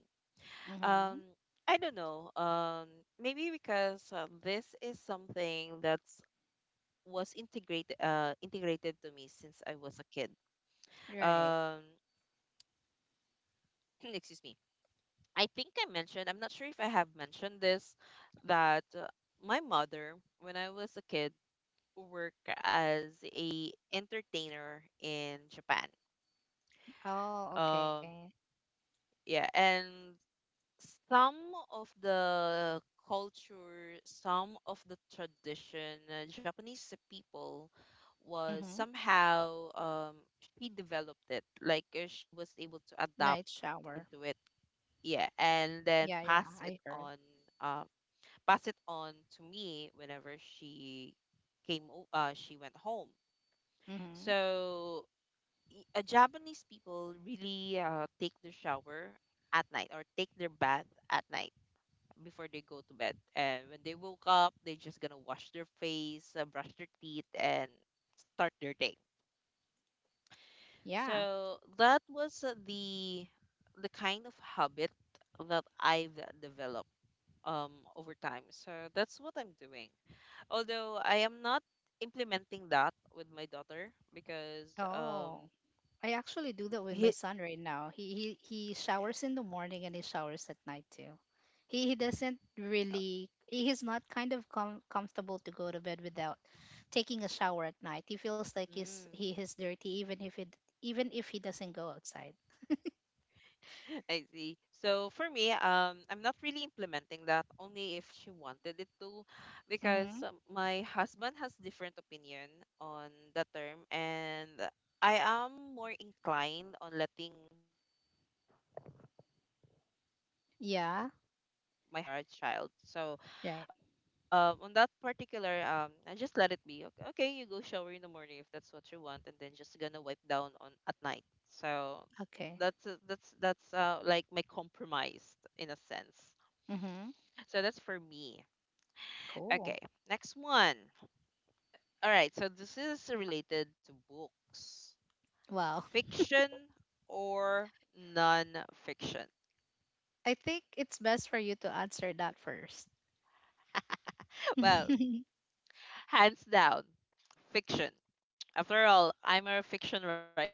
Speaker 1: Um,
Speaker 2: Mm-hmm.
Speaker 1: I don't know. Um, maybe because uh, this is something that's was integrated uh integrated to me since I was a kid.
Speaker 2: Right.
Speaker 1: Um, excuse me. I think I mentioned. I'm not sure if I have mentioned this that uh, my mother when I was a kid work as a entertainer in Japan.
Speaker 2: Oh, okay.
Speaker 1: Um, yeah, and some of the culture, some of the tradition, uh, Japanese people was
Speaker 2: Mm-hmm.
Speaker 1: somehow um, she developed it, like uh, she was able to adapt
Speaker 2: Night shower.
Speaker 1: into it. Yeah, and then
Speaker 2: Yeah, yeah,
Speaker 1: pass it
Speaker 2: I heard.
Speaker 1: on, uh, pass it on to me whenever she came. O- Uh, she went home.
Speaker 2: Mm-hmm.
Speaker 1: So y- uh, Japanese people really uh, take their shower at night or take their bath at night before they go to bed. And when they woke up, they're just gonna wash their face, uh, brush their teeth, and start their day.
Speaker 2: Yeah.
Speaker 1: So that was uh, the the kind of habit that I've developed um over time. So that's what I'm doing. Although I am not implementing that with my daughter because um
Speaker 2: Oh, I actually do that with my
Speaker 1: he,
Speaker 2: son right now. He he he showers in the morning and he showers at night too. He he doesn't
Speaker 1: uh,
Speaker 2: really he- he's not kind of com- comfortable to go to bed without taking a shower at night. He feels like he's
Speaker 1: mm,
Speaker 2: he is dirty even if it, even if he doesn't go outside.
Speaker 1: I see. So for me, um, I'm not really implementing that only if she wanted it to,
Speaker 2: Mm-hmm.
Speaker 1: because um, my husband has different opinion on the term, and I am more inclined on letting my hus um my letting my husband do
Speaker 2: Yeah.
Speaker 1: what he thinks is right for our child.
Speaker 2: Right.
Speaker 1: So um, on that particular um, I just let it be. Okay, okay, you go shower in the morning if that's what you want, and then just gonna wipe down on at night. So
Speaker 2: Okay.
Speaker 1: that's uh, that's that's uh, like my compromise in a sense.
Speaker 2: Mm-hmm.
Speaker 1: So that's for me. Okay,
Speaker 2: Cool.
Speaker 1: next one. All right, so this is related to books.
Speaker 2: Wow.
Speaker 1: Fiction or non-fiction?
Speaker 2: I think it's best for you to answer that first.
Speaker 1: Well, hands down, fiction. After all, I'm a fiction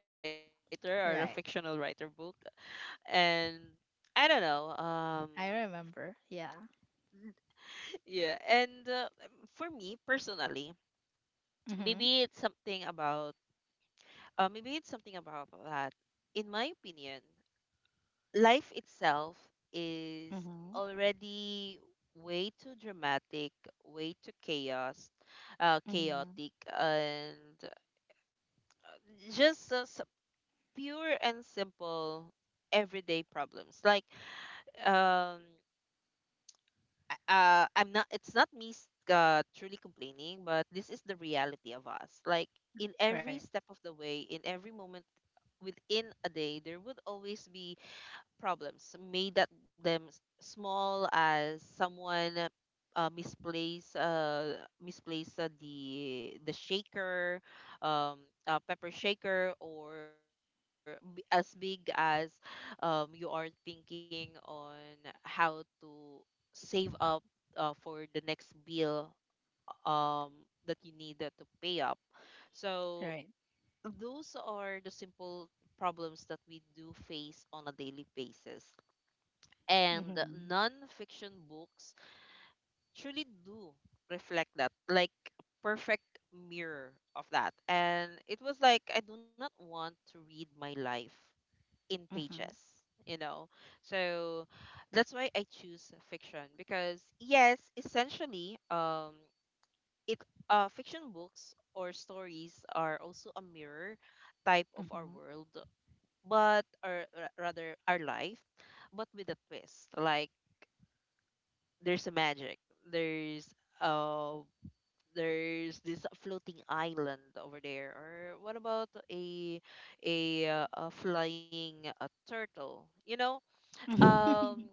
Speaker 1: writer or a
Speaker 2: Right.
Speaker 1: fictional writer book. And I don't know, um
Speaker 2: I remember. Yeah.
Speaker 1: yeah, and uh, for me personally,
Speaker 2: Mhm.
Speaker 1: maybe it's something about uh, maybe it's something about that. In my opinion, life itself is
Speaker 2: Mhm.
Speaker 1: already way too dramatic, way too chaos, uh,
Speaker 2: Mhm.
Speaker 1: chaotic, and just uh, s- pure and simple everyday problems. Like, um, uh, I'm not. It's not me s- uh, truly complaining, but this is the reality of us. Like in
Speaker 2: Right.
Speaker 1: every step of the way, in every moment within a day there would always be problems made that them s- small as someone uh, uh, misplace uh misplace uh, the the shaker, um uh, pepper shaker, or b- as big as um you are thinking on how to save up uh, for the next bill um that you need uh, to pay up. So
Speaker 2: Right.
Speaker 1: those are the simple problems that we do face on a daily basis. And
Speaker 2: Mhm.
Speaker 1: non-fiction books truly do reflect that, like perfect mirror of that, and it was like, I do not want to read my life in
Speaker 2: Mhm.
Speaker 1: pages, you know. So that's why I choose fiction because yes, essentially, um it uh fiction books or stories are also a mirror type of our
Speaker 2: Mhm.
Speaker 1: world, but or ra- rather our life, but with a twist. Like there's a magic. There's uh there's this floating island over there. Or what about a a, uh, a flying uh turtle? You know, um,
Speaker 2: Mhm.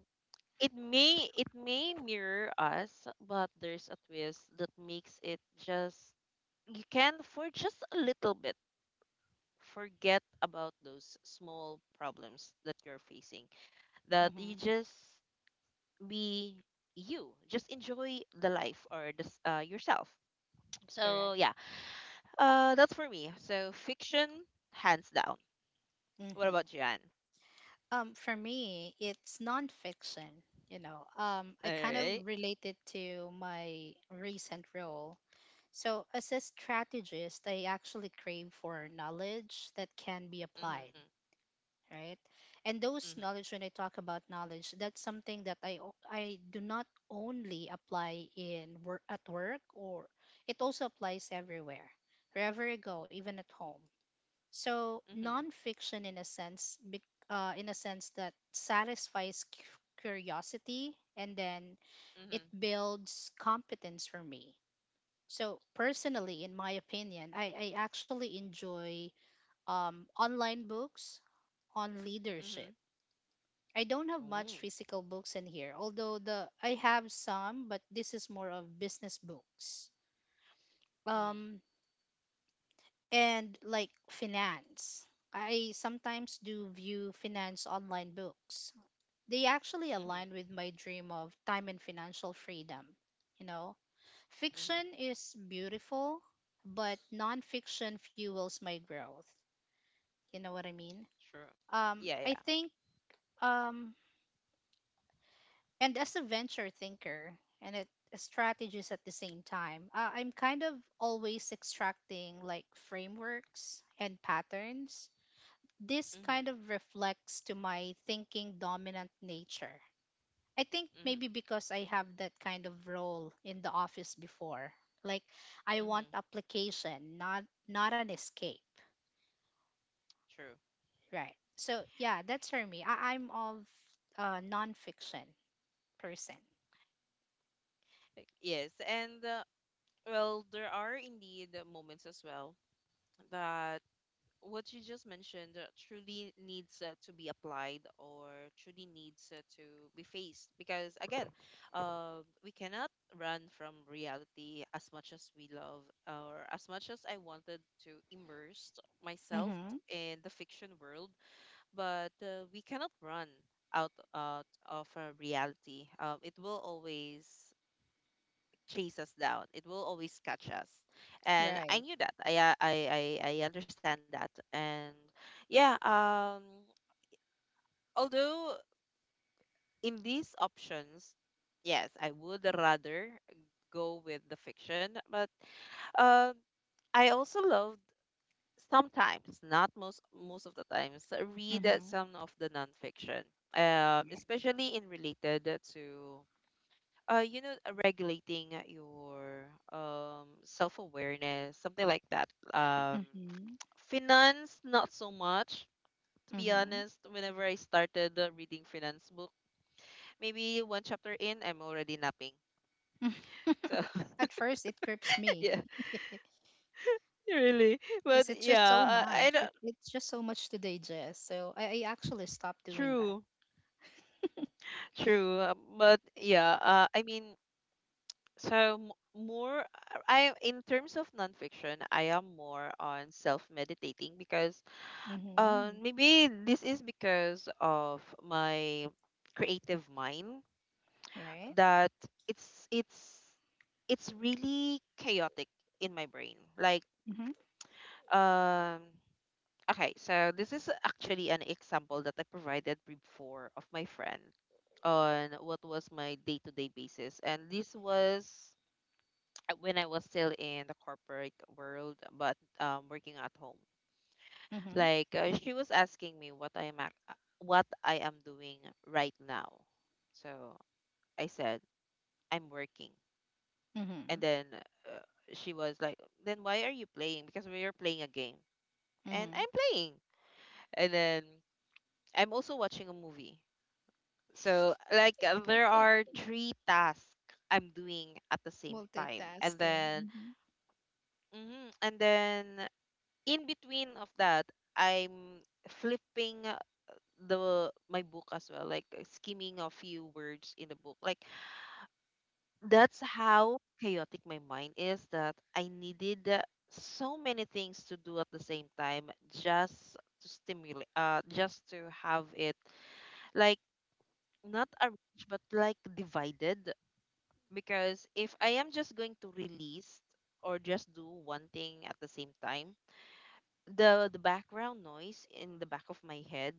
Speaker 1: it may it may mirror us, but there's a twist that makes it just you can for just a little bit forget about those small problems that you're facing, that you just be, you just enjoy the life or this uh, yourself. So
Speaker 2: Correct.
Speaker 1: yeah, uh that's for me, so fiction, hands down. What
Speaker 2: Mhm.
Speaker 1: about you, Anne?
Speaker 2: Um, for me, it's nonfiction. You know, um,
Speaker 1: All
Speaker 2: I kind
Speaker 1: right.
Speaker 2: of relate it to my recent role. So, as a strategist, I actually crave for knowledge that can be applied,
Speaker 1: Mm-hmm.
Speaker 2: right? And those
Speaker 1: Mm-hmm.
Speaker 2: knowledge, when I talk about knowledge, that's something that I o- I do not only apply in work at work, or it also applies everywhere, wherever I go, even at home. So
Speaker 1: Mm-hmm.
Speaker 2: nonfiction, in a sense, bec- uh, in a sense that satisfies cu- curiosity, and then
Speaker 1: Mm-hmm.
Speaker 2: it builds competence for me. So personally, in my opinion, I, I actually enjoy um, online books on
Speaker 1: Mm-hmm.
Speaker 2: leadership. I don't have
Speaker 1: Ooh,
Speaker 2: much physical books in here, although the I have some, but this is more of business books.
Speaker 1: mm-hmm.
Speaker 2: Um, and like finance. I sometimes do view finance online books. They actually
Speaker 1: Mm-hmm.
Speaker 2: align with my dream of time and financial freedom. You know,
Speaker 1: Mm-hmm.
Speaker 2: fiction is beautiful, but nonfiction fuels my growth. You know what I mean?
Speaker 1: True. Yeah,
Speaker 2: Um,
Speaker 1: yeah.
Speaker 2: I think, um, and as a venture thinker and it, a strategist at the same time, uh, I'm kind of always extracting like frameworks and patterns. This kind
Speaker 1: Mm-hmm.
Speaker 2: of reflects to my thinking dominant nature. I think
Speaker 1: Mm-hmm.
Speaker 2: maybe because I have that kind of role in the office before. Like, I want
Speaker 1: Mm-hmm.
Speaker 2: application, not not an escape,
Speaker 1: True.
Speaker 2: right? So yeah, that's for me. I, I'm of a nonfiction person.
Speaker 1: Like, yes, and uh, well, there are indeed moments as well that what you just mentioned uh, truly needs uh, to be applied or truly needs uh, to be faced because again uh, we cannot run from reality as much as we love or as much as I wanted to immerse myself
Speaker 2: Mm-hmm.
Speaker 1: in the fiction world. But uh, we cannot run out, out of uh, reality. um, it will always chase us down. It will always catch us. And I
Speaker 2: Right.
Speaker 1: knew that. I uh, I I, I understand that. And yeah, um although in these options, yes, I would rather go with the fiction, but um I also loved sometimes, not most most of the times, read uh,
Speaker 2: Mm-hmm.
Speaker 1: some of the nonfiction. Um, especially in related to uh you know uh, regulating uh, your um self-awareness, something like that. um
Speaker 2: Mm-hmm.
Speaker 1: finance, not so much, to be honest. Whenever I started uh, reading finance book, maybe one chapter in I'm already napping.
Speaker 2: Mm-hmm.
Speaker 1: So
Speaker 2: At first, it grips
Speaker 1: yeah,
Speaker 2: me
Speaker 1: really.
Speaker 2: because
Speaker 1: But
Speaker 2: it's just so
Speaker 1: yeah, uh,
Speaker 2: much.
Speaker 1: I
Speaker 2: It,
Speaker 1: don't
Speaker 2: it's just so much to digest. So I, I actually stopped doing that.
Speaker 1: true, true. uh, but yeah, uh, I mean, so m- more I in terms of nonfiction I am more on self meditating because
Speaker 2: Mm-hmm.
Speaker 1: Um, maybe this is because of my creative mind
Speaker 2: Right?
Speaker 1: that it's it's it's really chaotic in my brain. Like,
Speaker 2: Mm-hmm.
Speaker 1: um, okay, so this is actually an example that I provided before of my friend on what was my day-to-day basis, and this was when I was still in the corporate world, but um, working at home.
Speaker 2: Mm-hmm.
Speaker 1: Like uh, she was asking me what I am ac- uh, what I am doing right now. So I said I'm working, and
Speaker 2: Mm-hmm.
Speaker 1: then uh, she was like, "Then why are you playing? Because we are playing a game, and
Speaker 2: Mm-hmm.
Speaker 1: I'm playing, and then I'm also watching a movie. So like uh, there are three tasks I'm doing at the same time, and
Speaker 2: Multitasking.
Speaker 1: then
Speaker 2: Mm-hmm.
Speaker 1: mhm, and then in between of that, I'm flipping the my book as well, like uh, skimming a few words in the book. Like that's how chaotic my mind is that I needed uh, so many things to do at the same time, just to stimulate uh just to have it like not arranged but like divided. Because if I am just going to release or just do one thing at the same time, the the background noise in the back of my head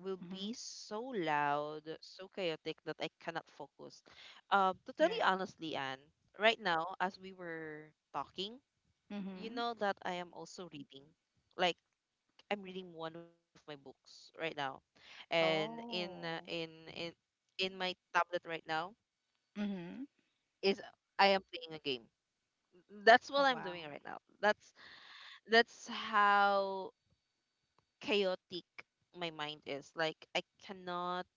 Speaker 1: will
Speaker 2: Mm-hmm.
Speaker 1: be so loud, so chaotic that I cannot focus. Um, to tell you
Speaker 2: Right.
Speaker 1: honestly, Anne, right now as we were talking, you
Speaker 2: Mm-hmm.
Speaker 1: know that I am also reading. Like I'm reading one of my books right now, and in uh, in
Speaker 2: Oh.
Speaker 1: in in my tablet right now
Speaker 2: Mm-hmm.
Speaker 1: is I am playing a game. That's what
Speaker 2: Oh,
Speaker 1: I'm doing
Speaker 2: wow.
Speaker 1: right now. That's that's how chaotic my mind is. Like I cannot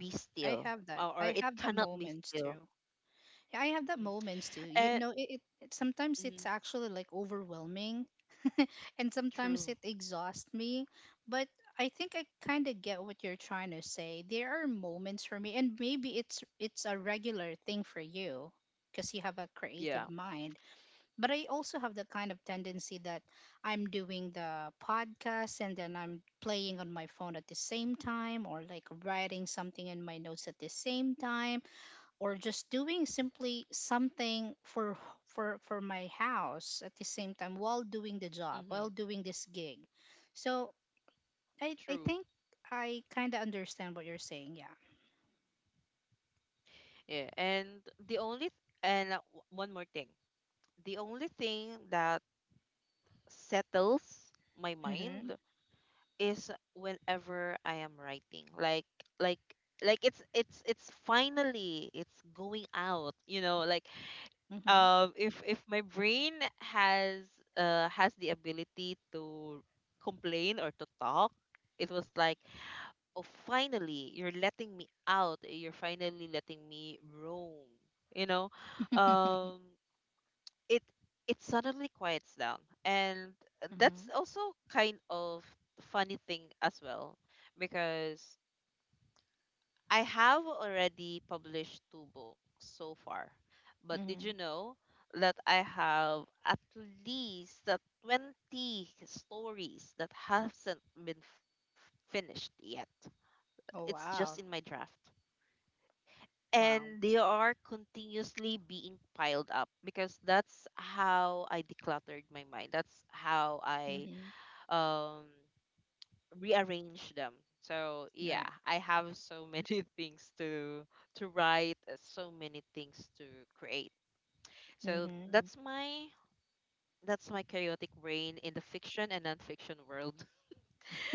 Speaker 1: be
Speaker 2: I
Speaker 1: still,
Speaker 2: have that.
Speaker 1: or, or
Speaker 2: I
Speaker 1: it
Speaker 2: have that
Speaker 1: cannot be
Speaker 2: moments
Speaker 1: still.
Speaker 2: too. Yeah, I have that
Speaker 1: Mm.
Speaker 2: moments too. You
Speaker 1: And
Speaker 2: know, it, it, it sometimes it's
Speaker 1: mm,
Speaker 2: actually like overwhelming and sometimes
Speaker 1: true,
Speaker 2: it exhausts me. But I think I kind of get what you're trying to say. There are moments for me, and maybe it's it's a regular thing for you because you have a creative
Speaker 1: yeah,
Speaker 2: mind. But I also have the kind of tendency that I'm doing the podcast and then I'm playing on my phone at the same time, or like writing something in my notes at the same time, or just doing simply something for for for my house at the same time while doing the
Speaker 1: mm-hmm,
Speaker 2: job while doing this gig. So I
Speaker 1: true,
Speaker 2: I think I kind of understand what you're saying. Yeah.
Speaker 1: yeah. And the only th- and uh, w- one more thing, the only thing that settles my
Speaker 2: Mhm.
Speaker 1: mind is whenever I am writing. Like like like it's it's it's finally it's going out. You know, like
Speaker 2: Mhm.
Speaker 1: um if if my brain has uh has the ability to complain or to talk, it was like, "Oh, finally you're letting me out, you're finally letting me roam, you know." um it it suddenly quiets down, and that's
Speaker 2: Mhm.
Speaker 1: also kind of funny thing as well because I have already published two books so far, but did you
Speaker 2: Mhm.
Speaker 1: know that I have at least the twenty stories that hasn't been f- finished yet?
Speaker 2: Oh,
Speaker 1: It's just in
Speaker 2: wow.
Speaker 1: my draft.
Speaker 2: Wow.
Speaker 1: And they are continuously being piled up because that's how I decluttered my mind. That's how I
Speaker 2: Mhm.
Speaker 1: um rearrange them. So yeah,
Speaker 2: Right.
Speaker 1: I have so many things to to write, uh, so many things to create. So
Speaker 2: Mhm.
Speaker 1: that's my that's my chaotic brain in the fiction and nonfiction world.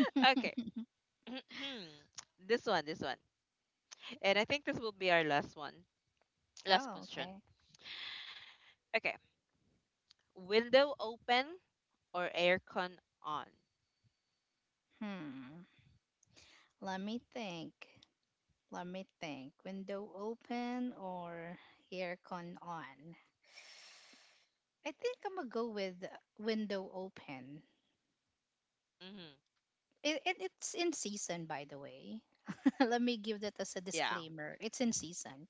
Speaker 1: Okay. This one, this one. And I think this will be our last one. Last
Speaker 2: Oh,
Speaker 1: question.
Speaker 2: okay.
Speaker 1: Okay. Window open or aircon on?
Speaker 2: Hmm, let me think. Let me think, window open or aircon on. I think I'm gonna go with window open.
Speaker 1: Mm-hmm.
Speaker 2: It, it it's in season, by the way. Let me give that as
Speaker 1: Yeah.
Speaker 2: a disclaimer. It's in season.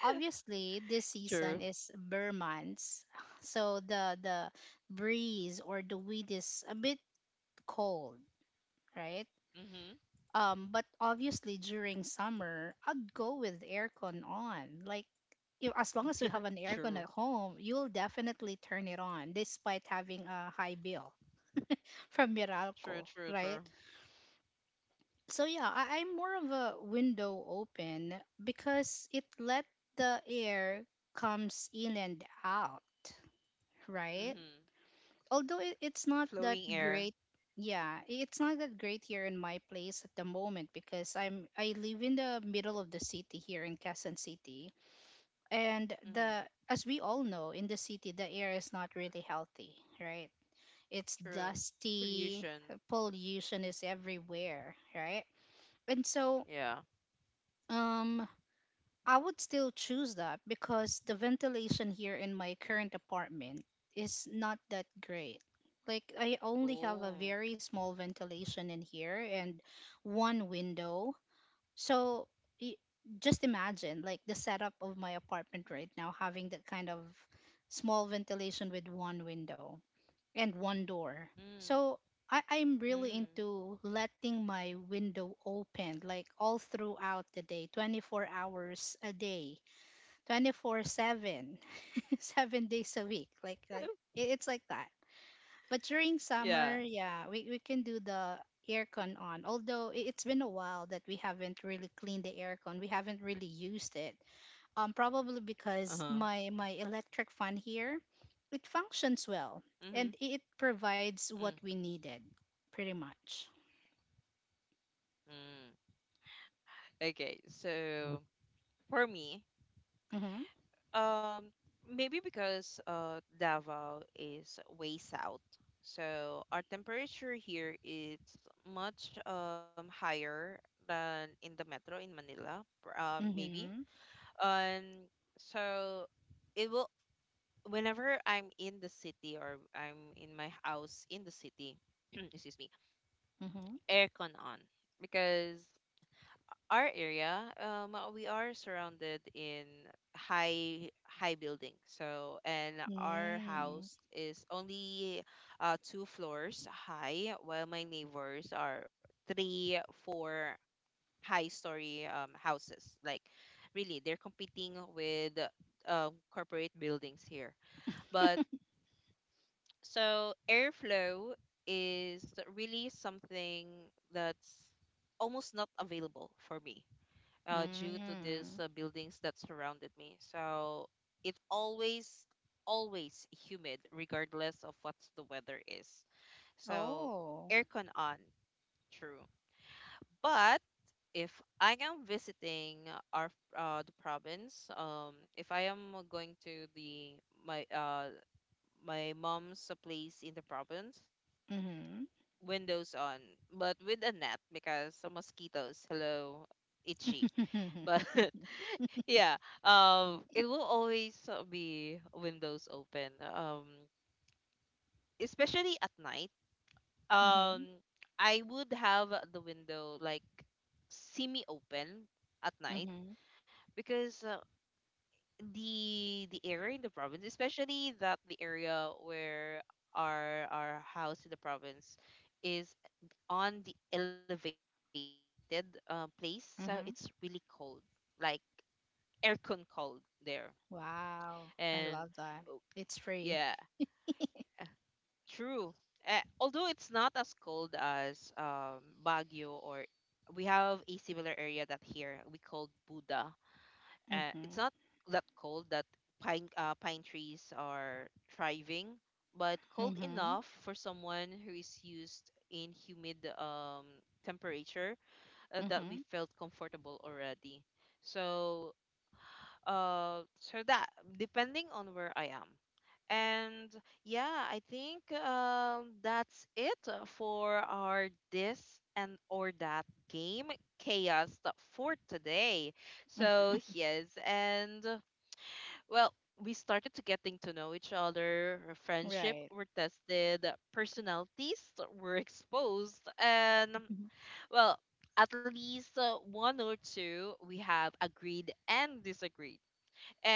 Speaker 2: Obviously, this
Speaker 1: True.
Speaker 2: season is burr months, so the the breeze or the wind is a bit cold, right?
Speaker 1: Mm-hmm.
Speaker 2: Um, but obviously during summer, I'd go with aircon on. Like, you, as long as you have an
Speaker 1: True.
Speaker 2: aircon at home, you'll definitely turn it on, despite having a high bill from
Speaker 1: True,
Speaker 2: Meralco,
Speaker 1: true, true.
Speaker 2: right? So yeah, I, I'm more of a window open because it let the air comes in and out, right?
Speaker 1: Mm-hmm.
Speaker 2: Although it, it's not that
Speaker 1: Flowing air.
Speaker 2: great, yeah, it's not that great here in my place at the moment because I'm I live in the middle of the city here in Quezon City, and
Speaker 1: Mm-hmm.
Speaker 2: the as we all know in the city the air is not really healthy, right? It's
Speaker 1: True.
Speaker 2: dusty,
Speaker 1: Pollution.
Speaker 2: pollution is everywhere, right? And so,
Speaker 1: Yeah.
Speaker 2: um, I would still choose that because the ventilation here in my current apartment is not that great. Like, I only have a
Speaker 1: Oh.
Speaker 2: very small ventilation in here and one window. So, y- just imagine, like, the setup of my apartment right now having that kind of small ventilation with one window and one door.
Speaker 1: Mm.
Speaker 2: So I, I'm
Speaker 1: Mm.
Speaker 2: really into letting my window open like all throughout the day, twenty-four hours a day, twenty-four seven, seven days a week. Like, like it, it's like that. But during
Speaker 1: Yeah.
Speaker 2: summer, yeah, we, we can do the aircon on. Although i- it's been a while that we haven't really cleaned the aircon, we haven't really used it, um, probably
Speaker 1: Uh-huh.
Speaker 2: because my my electric fan here it functions well
Speaker 1: Mm-hmm.
Speaker 2: and it provides
Speaker 1: Mm.
Speaker 2: what we needed pretty much.
Speaker 1: Mm. Okay. So for me,
Speaker 2: Mm-hmm.
Speaker 1: um, maybe because uh Davao is way south, so our temperature here is much um higher than in the metro in Manila. Pr- Um, maybe.
Speaker 2: Mm-hmm.
Speaker 1: And so it will whenever I'm in the city or I'm in my house in the city, excuse me,
Speaker 2: Mm-hmm.
Speaker 1: aircon on because our area, um, we are surrounded in high high building. So and our
Speaker 2: Mm,
Speaker 1: house is only uh, two floors high, while my neighbors are three, four high story um, houses. Like really, they're competing with um, corporate buildings here, but. So airflow is really something that's almost not available for me uh, due to these
Speaker 2: mm.
Speaker 1: uh, buildings that surrounded me. So it always, always humid regardless of what the weather is. So
Speaker 2: Oh.
Speaker 1: aircon on, true. But if I am visiting our uh, the province, um, if I am going to the my uh my mom's place in the province,
Speaker 2: Mm-hmm.
Speaker 1: windows on, but with a net because some mosquitoes, hello, itchy. But
Speaker 2: Mm-hmm.
Speaker 1: yeah, um, it will always uh, be windows open, um, especially at night.
Speaker 2: Mm-hmm.
Speaker 1: Um, I would have the window like semi open at night because uh, the the area in the province, especially that the area where our our house in the province is on the elevated uh, place, so it's really cold,
Speaker 2: Mm-hmm.
Speaker 1: like aircon cold there. And
Speaker 2: Wow, I love that.
Speaker 1: yeah,
Speaker 2: It's free.
Speaker 1: true. Uh, although it's not as cold as um, Baguio, or we have a similar area that here we called Buda. Uh, it's not
Speaker 2: Mm-hmm.
Speaker 1: that cold that pine uh, pine trees are thriving, but cold
Speaker 2: Mm-hmm.
Speaker 1: enough for someone who is used in humid um, temperature, uh, that we
Speaker 2: Mm-hmm.
Speaker 1: felt comfortable already. So uh so that depending on where I am. And yeah, I think um that's it, uh, for our this and or that game chaos th- for today. So yes, and uh, well, we started to getting to know each other. Our friendship
Speaker 2: Right.
Speaker 1: were tested, personalities were exposed, and um,
Speaker 2: Mhm.
Speaker 1: well, at least uh, one or two we have agreed and disagreed.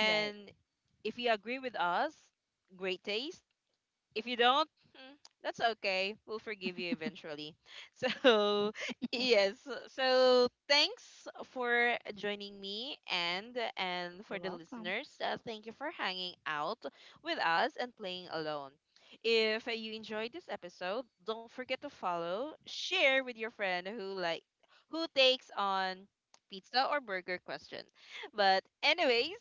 Speaker 2: Right.
Speaker 1: if you agree with us, great taste. If you don't, mm, that's okay. We'll forgive you eventually. So, yes. So, thanks for joining me, and and for
Speaker 2: You're
Speaker 1: the
Speaker 2: welcome.
Speaker 1: listeners. Uh, thank you for hanging out with us and playing alone. If you enjoyed this episode, don't forget to follow, share with your friend who like who takes on pizza or burger question. But anyways,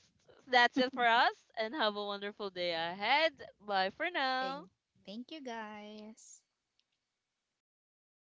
Speaker 1: that's it for us, and have a wonderful day ahead. Bye for now.
Speaker 2: thank Thank you guys.